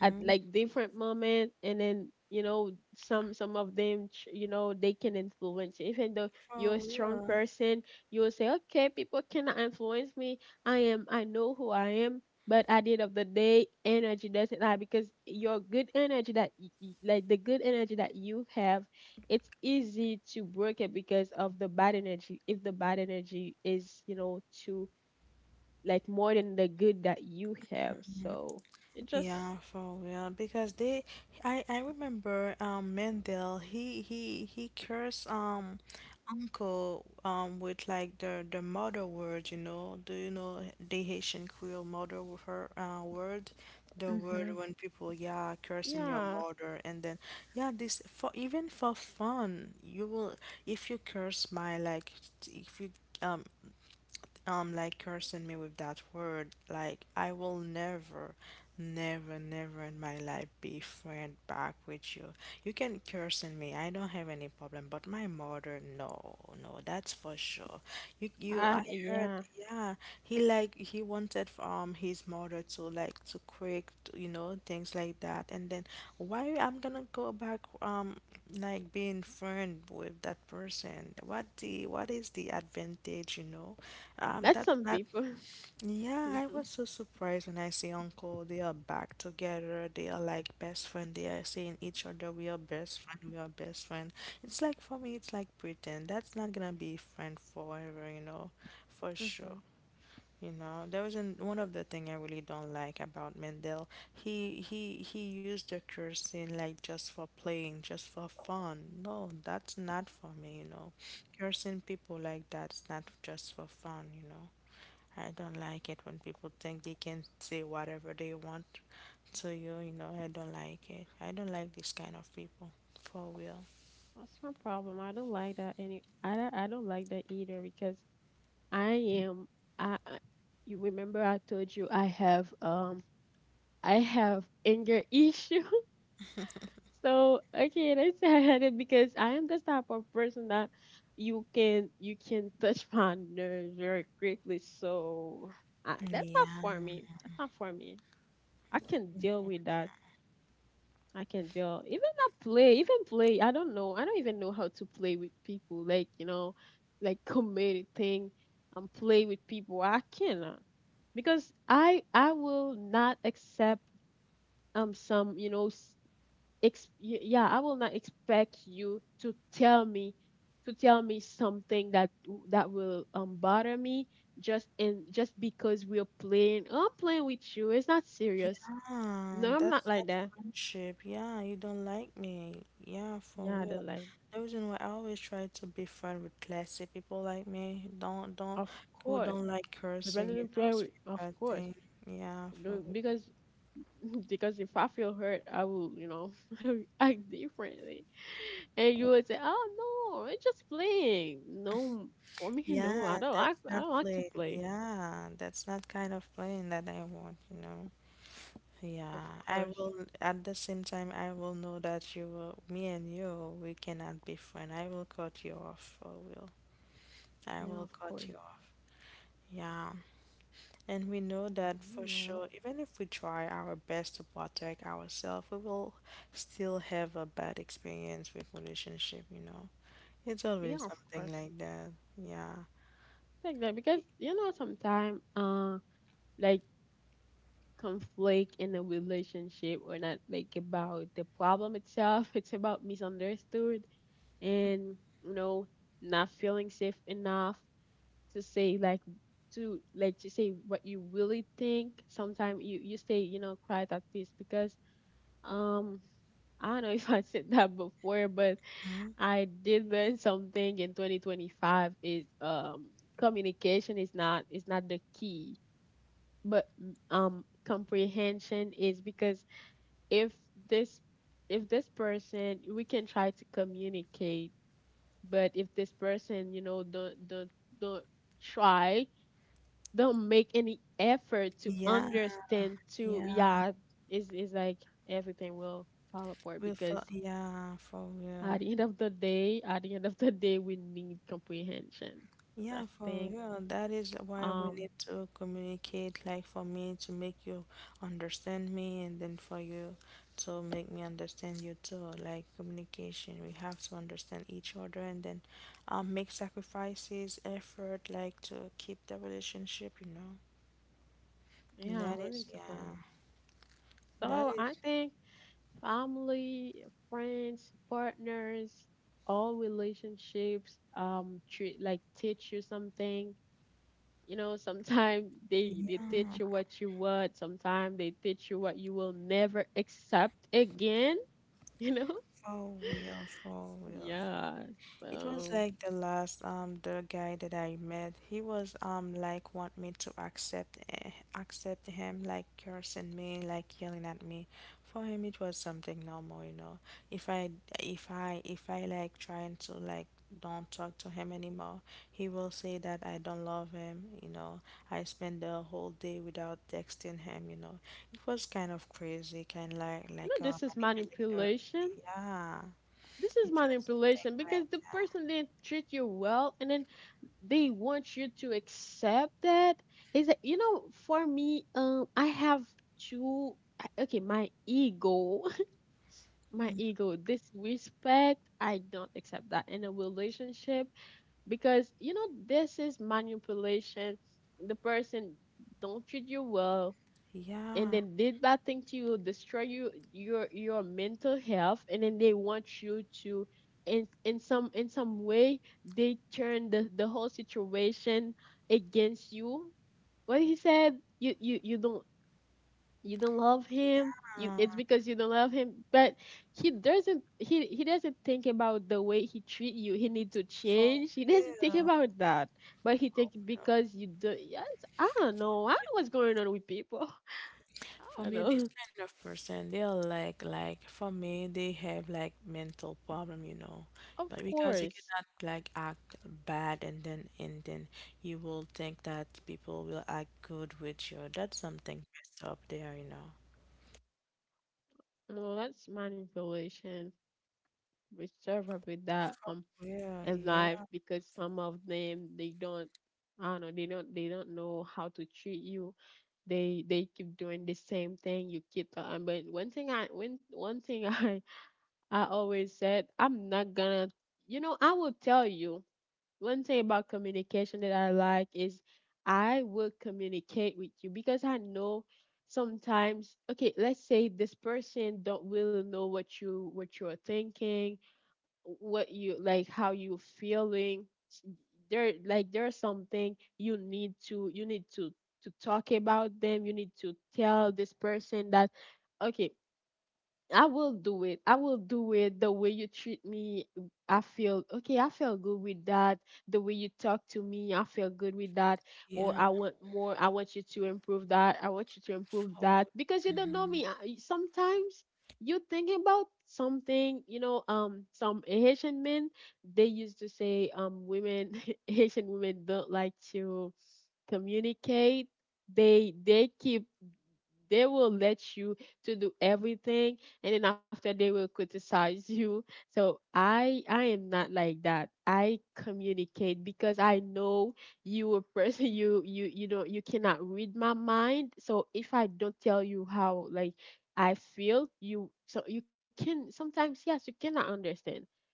Speaker 2: at like different moment, and then you know some of them you know they can influence you. Even though you're a
Speaker 1: For
Speaker 2: strong
Speaker 1: real.
Speaker 2: person, you will say okay, people cannot influence me, I know who I am. But at the end of the day, energy doesn't lie, because your good energy that like the good energy that you have, it's easy to break it because of the bad energy. If the bad energy is, you know, too like more than the good that you have, so it just
Speaker 1: Yeah, for real. Because they, I remember Mendel. He cursed uncle with like the mother word. You know, do you know the Haitian Creole mother with her word? The word
Speaker 2: mhm.
Speaker 1: when people yeah cursing your
Speaker 2: Yeah.
Speaker 1: mother and then yeah, this for even for fun you will, if you curse my like, if you um like cursing me with that word. Like I will never, never, never in my life be friend back with you. You can curse in me. I don't have any problem. But my mother, no, no, that's for sure. You, I heard.
Speaker 2: Yeah.
Speaker 1: Yeah, he like he wanted his mother to like to quick, you know, things like that. And then why I'm gonna go back like being friend with that person? What the what is the advantage, you know?
Speaker 2: That's
Speaker 1: That
Speaker 2: some
Speaker 1: that
Speaker 2: people.
Speaker 1: yeah, I
Speaker 2: Mhm.
Speaker 1: was so surprised when I see Uncle. They are back together. They are like best friend. They are saying each other, "We are best friend. We are best friend." It's like for me, it's like pretend. That's not gonna be friend forever, you know, for sure.
Speaker 2: Mhm.
Speaker 1: You know, there was one of the thing I really don't like about Mendel. He used the cursing like just for playing, just for fun. No, that's not for me. You know, cursing people like that's not just for fun. You know. I don't like it when people think they can say whatever they want to you. You know, I don't like it. I don't like this kind of people, for real.
Speaker 2: That's my problem. I don't like that any. I don't like that either because I am. I. You remember I told you I have anger issue. So okay, let's say I had it, because I am this type of person that you can touch my nerves very quickly. So that's not
Speaker 1: Yeah,
Speaker 2: for me. That's not for me. I can deal with that. I can tell. Even that play, even play, I don't know. I don't even know how to play with people. Like, you know, like commit a thing and play with people. I cannot. Because I will not accept some, you know, yeah, I will not expect you to tell me something that that will bother me, just and just because we're playing. Oh, I'm playing with you. It's not serious.
Speaker 1: yeah,
Speaker 2: No, I'm
Speaker 1: that's
Speaker 2: not like
Speaker 1: not
Speaker 2: that.
Speaker 1: friendship. Yeah, you don't like me. Yeah, for
Speaker 2: Yeah, I
Speaker 1: real.
Speaker 2: don't like.
Speaker 1: The reason why I always try to be friend with classy people like me, don't
Speaker 2: Of
Speaker 1: who
Speaker 2: course,
Speaker 1: don't like cursing,
Speaker 2: depending
Speaker 1: you
Speaker 2: Brandon
Speaker 1: know,
Speaker 2: Perry.
Speaker 1: saying
Speaker 2: Of
Speaker 1: bad
Speaker 2: course.
Speaker 1: thing. Yeah, for
Speaker 2: No,
Speaker 1: real.
Speaker 2: because because if I feel hurt, I will, you know, act differently. And you would say, "Oh no, it's just playing." No, for me,
Speaker 1: Yeah,
Speaker 2: no, I don't
Speaker 1: that's
Speaker 2: like. I
Speaker 1: not
Speaker 2: don't like to
Speaker 1: playing.
Speaker 2: play.
Speaker 1: Yeah, that's not kind of playing that I want, you know.
Speaker 2: Of
Speaker 1: Yeah, I
Speaker 2: course,
Speaker 1: will, at the same time, I will know that you will, me and you, we cannot be friends. I will cut you off, for real. I
Speaker 2: yeah,
Speaker 1: will
Speaker 2: of
Speaker 1: cut
Speaker 2: course,
Speaker 1: you off. Yeah. And we know
Speaker 2: I
Speaker 1: that
Speaker 2: know.
Speaker 1: for
Speaker 2: Well,
Speaker 1: sure, even if we try our best to protect ourselves, we will still have a bad experience with relationship, you know. It's
Speaker 2: yeah,
Speaker 1: always
Speaker 2: of
Speaker 1: something
Speaker 2: course,
Speaker 1: like that. Yeah.
Speaker 2: like that because you know sometimes, like conflict in a relationship or not like about the problem itself. It's about misunderstood and, you know, not feeling safe enough to say like to say what you really think. Sometimes you stay, you know, quiet at peace because um I don't know if I said that before, but
Speaker 1: Mhm.
Speaker 2: I did learn something in 2025 is communication is not the key, but comprehension is. Because if this if this person, we can try to communicate, but if this person, you know, don't try, don't make any effort to
Speaker 1: Yeah,
Speaker 2: understand, to
Speaker 1: yeah.
Speaker 2: yeah, it's like everything will fall apart
Speaker 1: We'll for
Speaker 2: because
Speaker 1: yeah, for real.
Speaker 2: at the end of the day at the end of the day we need comprehension. So
Speaker 1: Yeah,
Speaker 2: that's the
Speaker 1: for
Speaker 2: thing.
Speaker 1: real. That is why we
Speaker 2: Um
Speaker 1: need to communicate, like for me to make you understand me, and then for you to make me understand you too. Like communication, we have to understand each other and then make sacrifices, effort, like to keep the relationship, you know.
Speaker 2: yeah,
Speaker 1: That
Speaker 2: really
Speaker 1: is,
Speaker 2: different.
Speaker 1: yeah, that
Speaker 2: So I
Speaker 1: is,
Speaker 2: think family, friends, partners, all relationships treat like teach you something. You know, sometimes they
Speaker 1: yeah,
Speaker 2: teach you what you want. Sometimes they teach you what you will never accept again. You know,
Speaker 1: for real, for real.
Speaker 2: yeah.
Speaker 1: It was
Speaker 2: So
Speaker 1: like the last the guy that I met. He was like want me to accept accept him like cursing me, like yelling at me. For him it was something normal, you know. If I if I like trying to like don't talk to him anymore, he will say that I don't love him, you know. I spend the whole day without texting him, you know. It was kind of crazy, kind of like
Speaker 2: you know,
Speaker 1: like a
Speaker 2: this is
Speaker 1: manipulator.
Speaker 2: manipulation.
Speaker 1: Yeah,
Speaker 2: This is
Speaker 1: it was something
Speaker 2: manipulation, because
Speaker 1: like
Speaker 2: the
Speaker 1: that.
Speaker 2: person didn't treat you well, and then they want you to accept that. Is that, you know? For me, I have two. I- Okay, my ego my ego, this respect, I don't accept that in a relationship. Because, you know, this is manipulation. The person don't treat you well, and
Speaker 1: Yeah,
Speaker 2: then did bad thing to you, destroy you, your mental health, and then they want you to in some in some way they turn the whole situation against you. What he said, you you don't love him. You
Speaker 1: yeah,
Speaker 2: It's because you don't love him. But he doesn't, he doesn't think about the way he treat you, he need to
Speaker 1: for
Speaker 2: change. He doesn't think
Speaker 1: real.
Speaker 2: about that. But he think because you do, yes. I don't know what's going on with people. I
Speaker 1: For
Speaker 2: don't
Speaker 1: me, this
Speaker 2: know.
Speaker 1: kind of person, they're like for me, they have like mental problem, you know,
Speaker 2: Of
Speaker 1: but because you
Speaker 2: course.
Speaker 1: cannot like act bad and then you will think that people will act good with you. That's something messed up there, you know.
Speaker 2: No, that's manipulation. We serve up with that
Speaker 1: Yeah,
Speaker 2: in life,
Speaker 1: yeah,
Speaker 2: because some of them they don't, I don't know, they don't, they don't know how to treat you. They keep doing the same thing. You keep but one thing I when one thing I always said I'm not gonna, you know, I will tell you one thing about communication that I like is I will communicate with you because I know sometimes okay, let's say this person don't really know what you what you're thinking, what you like, how you feeling. There like there's something you need to talk about them. You need to tell this person that okay, I will do it. I will do it the way you treat me. I feel okay. I feel good with that. The way you talk to me, I feel good with that. Or
Speaker 1: yeah.
Speaker 2: I want more. I want you to improve that. I want you to improve
Speaker 1: For,
Speaker 2: that, because you don't know
Speaker 1: mhm.
Speaker 2: me. I- Sometimes you think about something. You know, some Haitian men they used to say, women Haitian women don't like to communicate. They keep, they will let you to do everything, and then after they will criticize you. So I am not like that. I communicate because I know you a person. You know you cannot read my mind, so if I don't tell you how like I feel you, so you can sometimes, yes, you cannot understand.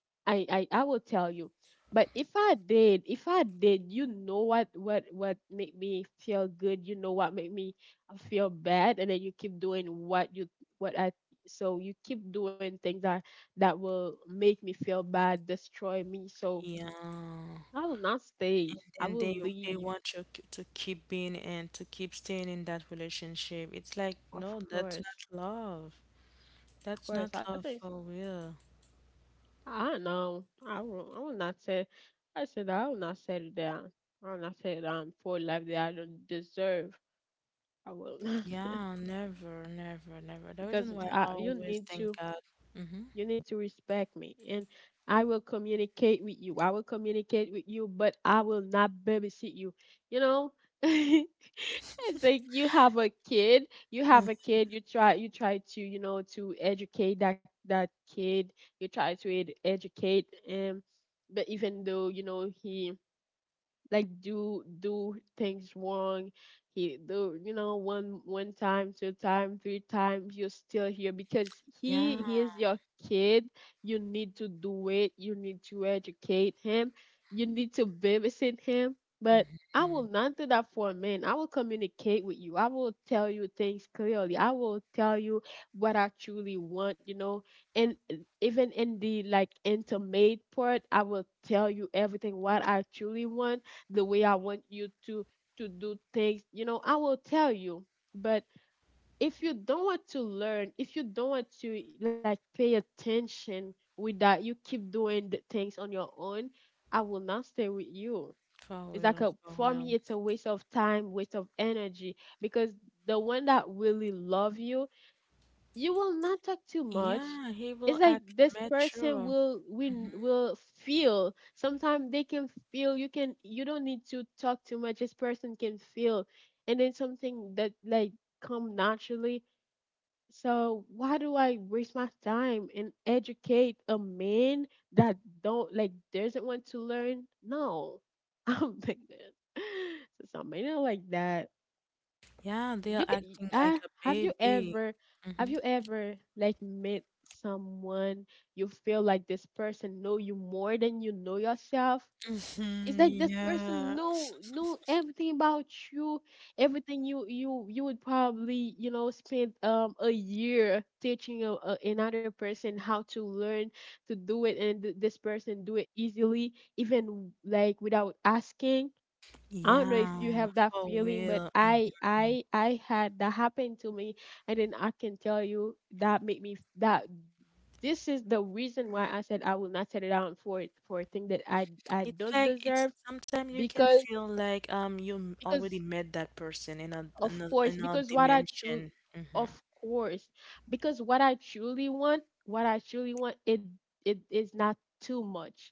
Speaker 2: I will tell you. But if I did, you know what what make me feel good, you know what make me feel bad, and then you keep doing what you what I, so you keep doing things that that will make me feel bad, destroy me. So
Speaker 1: Yeah.
Speaker 2: I will not stay. I
Speaker 1: And
Speaker 2: will
Speaker 1: they
Speaker 2: leave.
Speaker 1: want you k- to keep being and to keep staying in that relationship. It's like,
Speaker 2: Of
Speaker 1: no, that's not
Speaker 2: course.
Speaker 1: love.
Speaker 2: Of
Speaker 1: That's
Speaker 2: course.
Speaker 1: not
Speaker 2: I
Speaker 1: love
Speaker 2: think
Speaker 1: for real.
Speaker 2: I don't know. I will not say, I said I will not settle down. I will not settle down for a life that I don't deserve. I will not.
Speaker 1: Yeah, never, never, never. The
Speaker 2: Because
Speaker 1: reason why I always thank God. Mm-hmm.
Speaker 2: you need to respect me, and I will communicate with you. I will communicate with you, but I will not babysit you. You know, it's like you have a kid, you have a kid, you try to, you know, to educate that that kid. You try to educate him. But even though, you know, he like do do things wrong, he do, you know, one one time two time three times, you're still here because he
Speaker 1: Yeah,
Speaker 2: he is your kid. You need to do it. You need to educate him. You need to babysit him. But I will
Speaker 1: mhm.
Speaker 2: not do that for a man. I will communicate with you. I will tell you things clearly. I will tell you what I truly want, you know. And even in the like intimate part, I will tell you everything what I truly want, the way I want you to do things. You know, I will tell you. But if you don't want to learn, if you don't want to like pay attention with that, you keep doing the things on your own, I will not stay with you.
Speaker 1: For
Speaker 2: It's like
Speaker 1: real,
Speaker 2: a
Speaker 1: for
Speaker 2: for
Speaker 1: real.
Speaker 2: me, it's a waste of time, waste of energy, because the one that really love you, you will not talk too much.
Speaker 1: Yeah, he
Speaker 2: It's
Speaker 1: will
Speaker 2: like
Speaker 1: act
Speaker 2: this person
Speaker 1: mature.
Speaker 2: will win will feel. Sometimes they can feel. You can, you don't need to talk too much. This person can feel, and then something that like come naturally. So why do I waste my time and educate a man that don't like doesn't want to learn? No, I'm like that. So some men are like that.
Speaker 1: Yeah, they're
Speaker 2: You can
Speaker 1: acting like a baby.
Speaker 2: have
Speaker 1: Mm-hmm.
Speaker 2: you ever like met someone you feel like this person know you more than you know yourself. It's like
Speaker 1: Mm-hmm.
Speaker 2: this person
Speaker 1: Yeah.
Speaker 2: know everything about you. Everything you you would probably, you know, spend a year teaching a, another person how to learn to do it, and this person do it easily, even like without asking. I don't know if you
Speaker 1: Yeah,
Speaker 2: have that
Speaker 1: for
Speaker 2: feeling, but
Speaker 1: real.
Speaker 2: I
Speaker 1: Mm-hmm.
Speaker 2: I I had that happen to me, and then I can tell you that made me that this is the reason why I said I will not settle down for a thing that I
Speaker 1: It's
Speaker 2: don't
Speaker 1: like it's
Speaker 2: deserve.
Speaker 1: sometimes you can
Speaker 2: because
Speaker 1: feel like you m- already
Speaker 2: because
Speaker 1: met that person in a
Speaker 2: of
Speaker 1: in a,
Speaker 2: course,
Speaker 1: in a
Speaker 2: because what I truly
Speaker 1: dimension. Hmm.
Speaker 2: of course, because what I truly want, what I truly want it, it is not too much.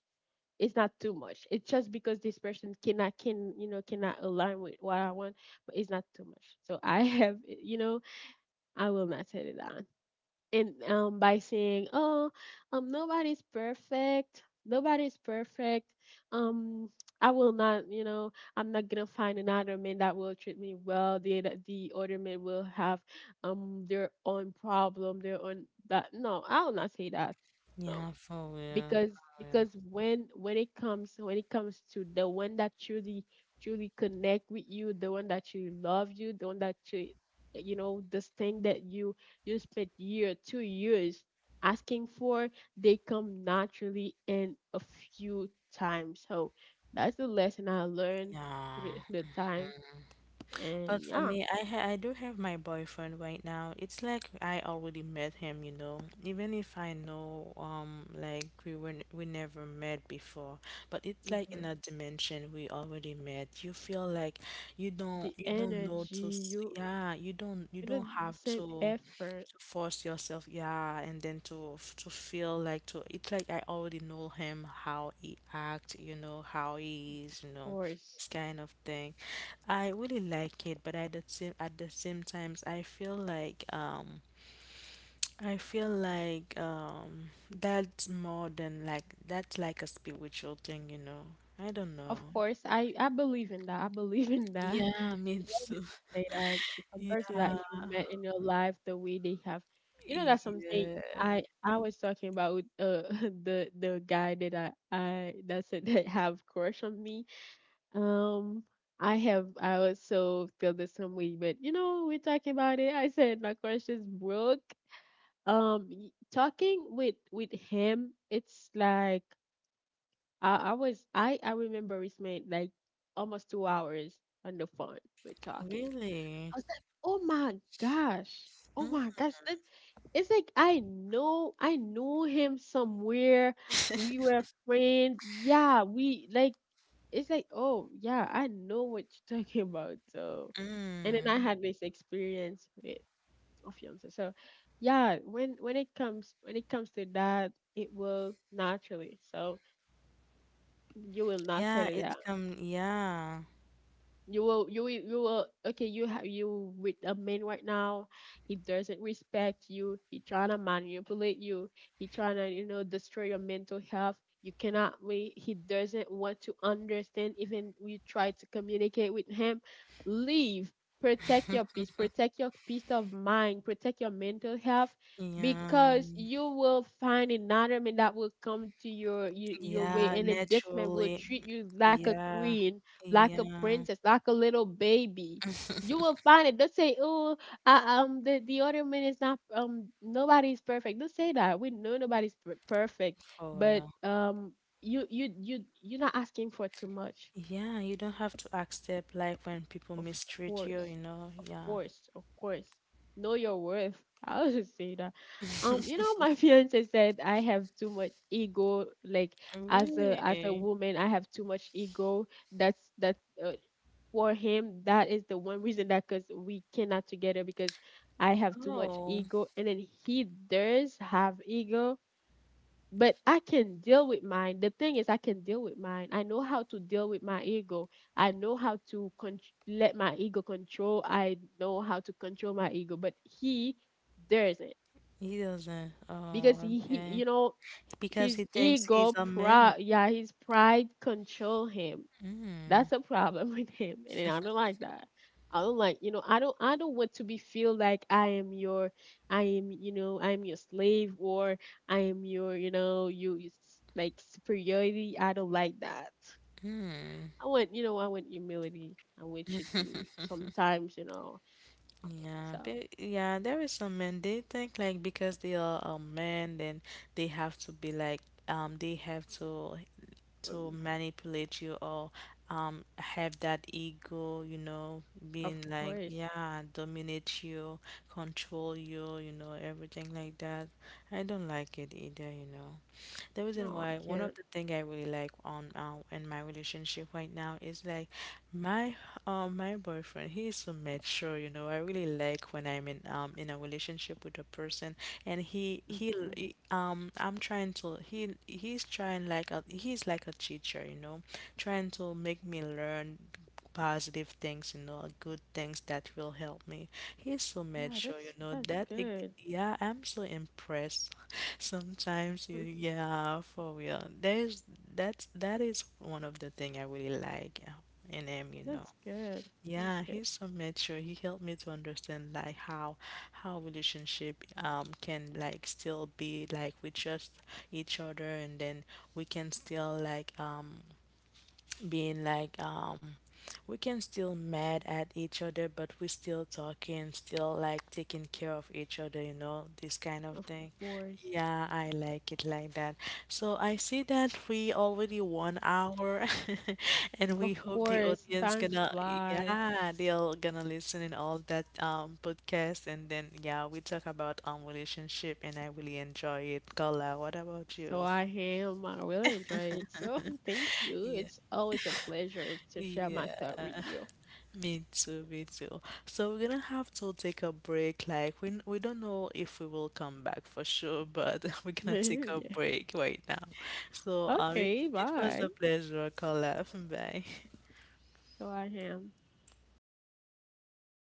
Speaker 2: It's not too much. It's just because this person cannot can, you know, cannot align with what I want, but it's not too much. So I have, you know, I will not set it down. And by saying oh nobody's perfect, nobody's perfect. Um I will not I'm not gonna find another man that will treat me well. The other man will have their own problem, their own that no I will not say that. No,
Speaker 1: Yeah, for real,
Speaker 2: because
Speaker 1: for real.
Speaker 2: because when it comes to the one that truly truly connect with you, the one that truly love you, the one that you know this thing that you spent year 2 years asking for, they come naturally in a few times. So that's the lesson I learned through
Speaker 1: Yeah.
Speaker 2: the time,
Speaker 1: Mhm. But
Speaker 2: and
Speaker 1: for
Speaker 2: yeah.
Speaker 1: me, I ha I do have my boyfriend right now. It's like I already met him, you know. Even if I know like we were n- we never met before, but it's like
Speaker 2: Hmm.
Speaker 1: in a dimension we already met. You feel like
Speaker 2: The
Speaker 1: you don't know
Speaker 2: energy
Speaker 1: to s-
Speaker 2: you
Speaker 1: yeah, you
Speaker 2: you know
Speaker 1: don't
Speaker 2: the
Speaker 1: have
Speaker 2: same effort
Speaker 1: to force yourself, yeah, and then to f- to feel like to it's like I already know him, how he acts, you know, how he
Speaker 2: of
Speaker 1: is, you know,
Speaker 2: course.
Speaker 1: this kind of thing. I really like it, but at the same times, I feel like that's more than like that's like a spiritual thing, you know. I don't
Speaker 2: Of
Speaker 1: know.
Speaker 2: course, I believe in that. I believe in that.
Speaker 1: Yeah, me
Speaker 2: You
Speaker 1: too.
Speaker 2: say that to some person that
Speaker 1: Yeah,
Speaker 2: you met in your life, the way they have, you know, that's something
Speaker 1: yeah,
Speaker 2: I was talking about with, the guy that I that said that have crush on me. Um, I have I also feel the same way, but you know, we're talking about it. I said my crush is broke. Talking with him, it's like I was I remember we spent like almost 2 hours on the phone with talking.
Speaker 1: really.
Speaker 2: I was like, oh my gosh, that it's like I know I knew him somewhere. We were friends. Yeah, we like it's like oh yeah, I know what you're talking about. So, and then
Speaker 1: Mm-mm.
Speaker 2: I had this experience with a fiance. So, yeah, when it comes to that, it will naturally. So you will not
Speaker 1: Yeah,
Speaker 2: settle
Speaker 1: it's
Speaker 2: down.
Speaker 1: come. Yeah,
Speaker 2: You will, you will, you will. Okay, you have you with a man right now. He doesn't respect you. He trying to manipulate you. He trying to destroy your mental health. You cannot wait. He doesn't want to understand. Even you try to communicate with him, leave. Protect your peace. Protect your peace of mind. Protect your mental health,
Speaker 1: yeah,
Speaker 2: because you will find another man that will come to your your way,
Speaker 1: yeah,
Speaker 2: and then this man will
Speaker 1: naturally.
Speaker 2: treat you like a
Speaker 1: Yeah,
Speaker 2: queen, like a
Speaker 1: yeah,
Speaker 2: princess, like a little baby. You will find it. They'll say, "Oh, I, the ornament is not nobody's perfect." Don't say that. We know nobody's per- perfect,
Speaker 1: for
Speaker 2: but
Speaker 1: real.
Speaker 2: you you're not asking for too much.
Speaker 1: Yeah, you don't have to accept like when people
Speaker 2: Of
Speaker 1: mistreat you,
Speaker 2: course.
Speaker 1: you know.
Speaker 2: Of
Speaker 1: Yeah.
Speaker 2: course. Of course. Know your worth. I always say that. You know, my fiance said I have too much ego. Like as a
Speaker 1: Really?
Speaker 2: woman, I have too much ego. That's that uh, for him. That is the one reason that because we cannot together because I have too much
Speaker 1: Oh,
Speaker 2: ego, and then he does have ego, but I can deal with mine. The thing is, I can deal with mine. I know how to deal with my ego. I know how to con- let my ego control. I know how to control my ego, but he doesn't,
Speaker 1: he doesn't.
Speaker 2: because
Speaker 1: Oh,
Speaker 2: he
Speaker 1: okay.
Speaker 2: you know,
Speaker 1: Because
Speaker 2: his
Speaker 1: he thinks he's
Speaker 2: ego,
Speaker 1: a man.
Speaker 2: pride, yeah, his pride control him. That's a problem with him, and I don't like that. I don't like, you know, I don't want to be feel like I am your, I am, you know, I am your slave, or I am your, you know, you s- like superiority. I don't like that. I want, you know, I want humility. I want you to sometimes, you know, I want
Speaker 1: Yeah,
Speaker 2: so,
Speaker 1: but yeah, there is some men they think like because they are a man, then they have to be like they have to
Speaker 2: um,
Speaker 1: manipulate you or have that ego, you know,
Speaker 2: of
Speaker 1: being like,
Speaker 2: course,
Speaker 1: yeah, dominate you, control you, you know, everything like that. I don't like it either, you know. The reason
Speaker 2: no,
Speaker 1: why
Speaker 2: I
Speaker 1: one
Speaker 2: can't.
Speaker 1: of the thing I really like on in my relationship right now is like my my boyfriend. He is so mature, you know. I really like when I'm in a relationship with a person, and
Speaker 2: Hmm.
Speaker 1: I'm trying to he's trying like a he's like a teacher, you know, trying to make me learn positive things, you know, good things that will help me. He's so
Speaker 2: Yeah,
Speaker 1: mature, you know,
Speaker 2: that's
Speaker 1: that it,
Speaker 2: good.
Speaker 1: yeah, I'm so impressed. Sometimes you,
Speaker 2: Mm.
Speaker 1: yeah, for real. There's that's that is one of the thing I really like in him, you know.
Speaker 2: That's good. That's
Speaker 1: Yeah,
Speaker 2: good.
Speaker 1: he's so mature. He helped me to understand like how relationship can like still be like we trust each other and then we can still like being like we can still mad at each other but we still talking still like taking care of each other, you know, this kind of
Speaker 2: Of
Speaker 1: thing.
Speaker 2: course.
Speaker 1: Yeah, I like it like that. So I see that we already 1 hour and
Speaker 2: Of
Speaker 1: we hope the
Speaker 2: course,
Speaker 1: audience
Speaker 2: time
Speaker 1: gonna
Speaker 2: flies.
Speaker 1: yeah they'll gonna listen in all that podcast and then yeah we talk about relationship and I really enjoy it. Carla, what about you?
Speaker 2: So I am. I really enjoyed it. So thank you.
Speaker 1: Yeah,
Speaker 2: It's always a pleasure to share my thought with
Speaker 1: yeah.
Speaker 2: you.
Speaker 1: Me too, me too. So we're gonna have to take a break. Like we don't know if we will come back for sure, but we're gonna
Speaker 2: Yeah.
Speaker 1: take a
Speaker 2: Yeah.
Speaker 1: break right now. So
Speaker 2: Okay,
Speaker 1: it was
Speaker 2: bye.
Speaker 1: a pleasure, Carla. Bye.
Speaker 2: So I am.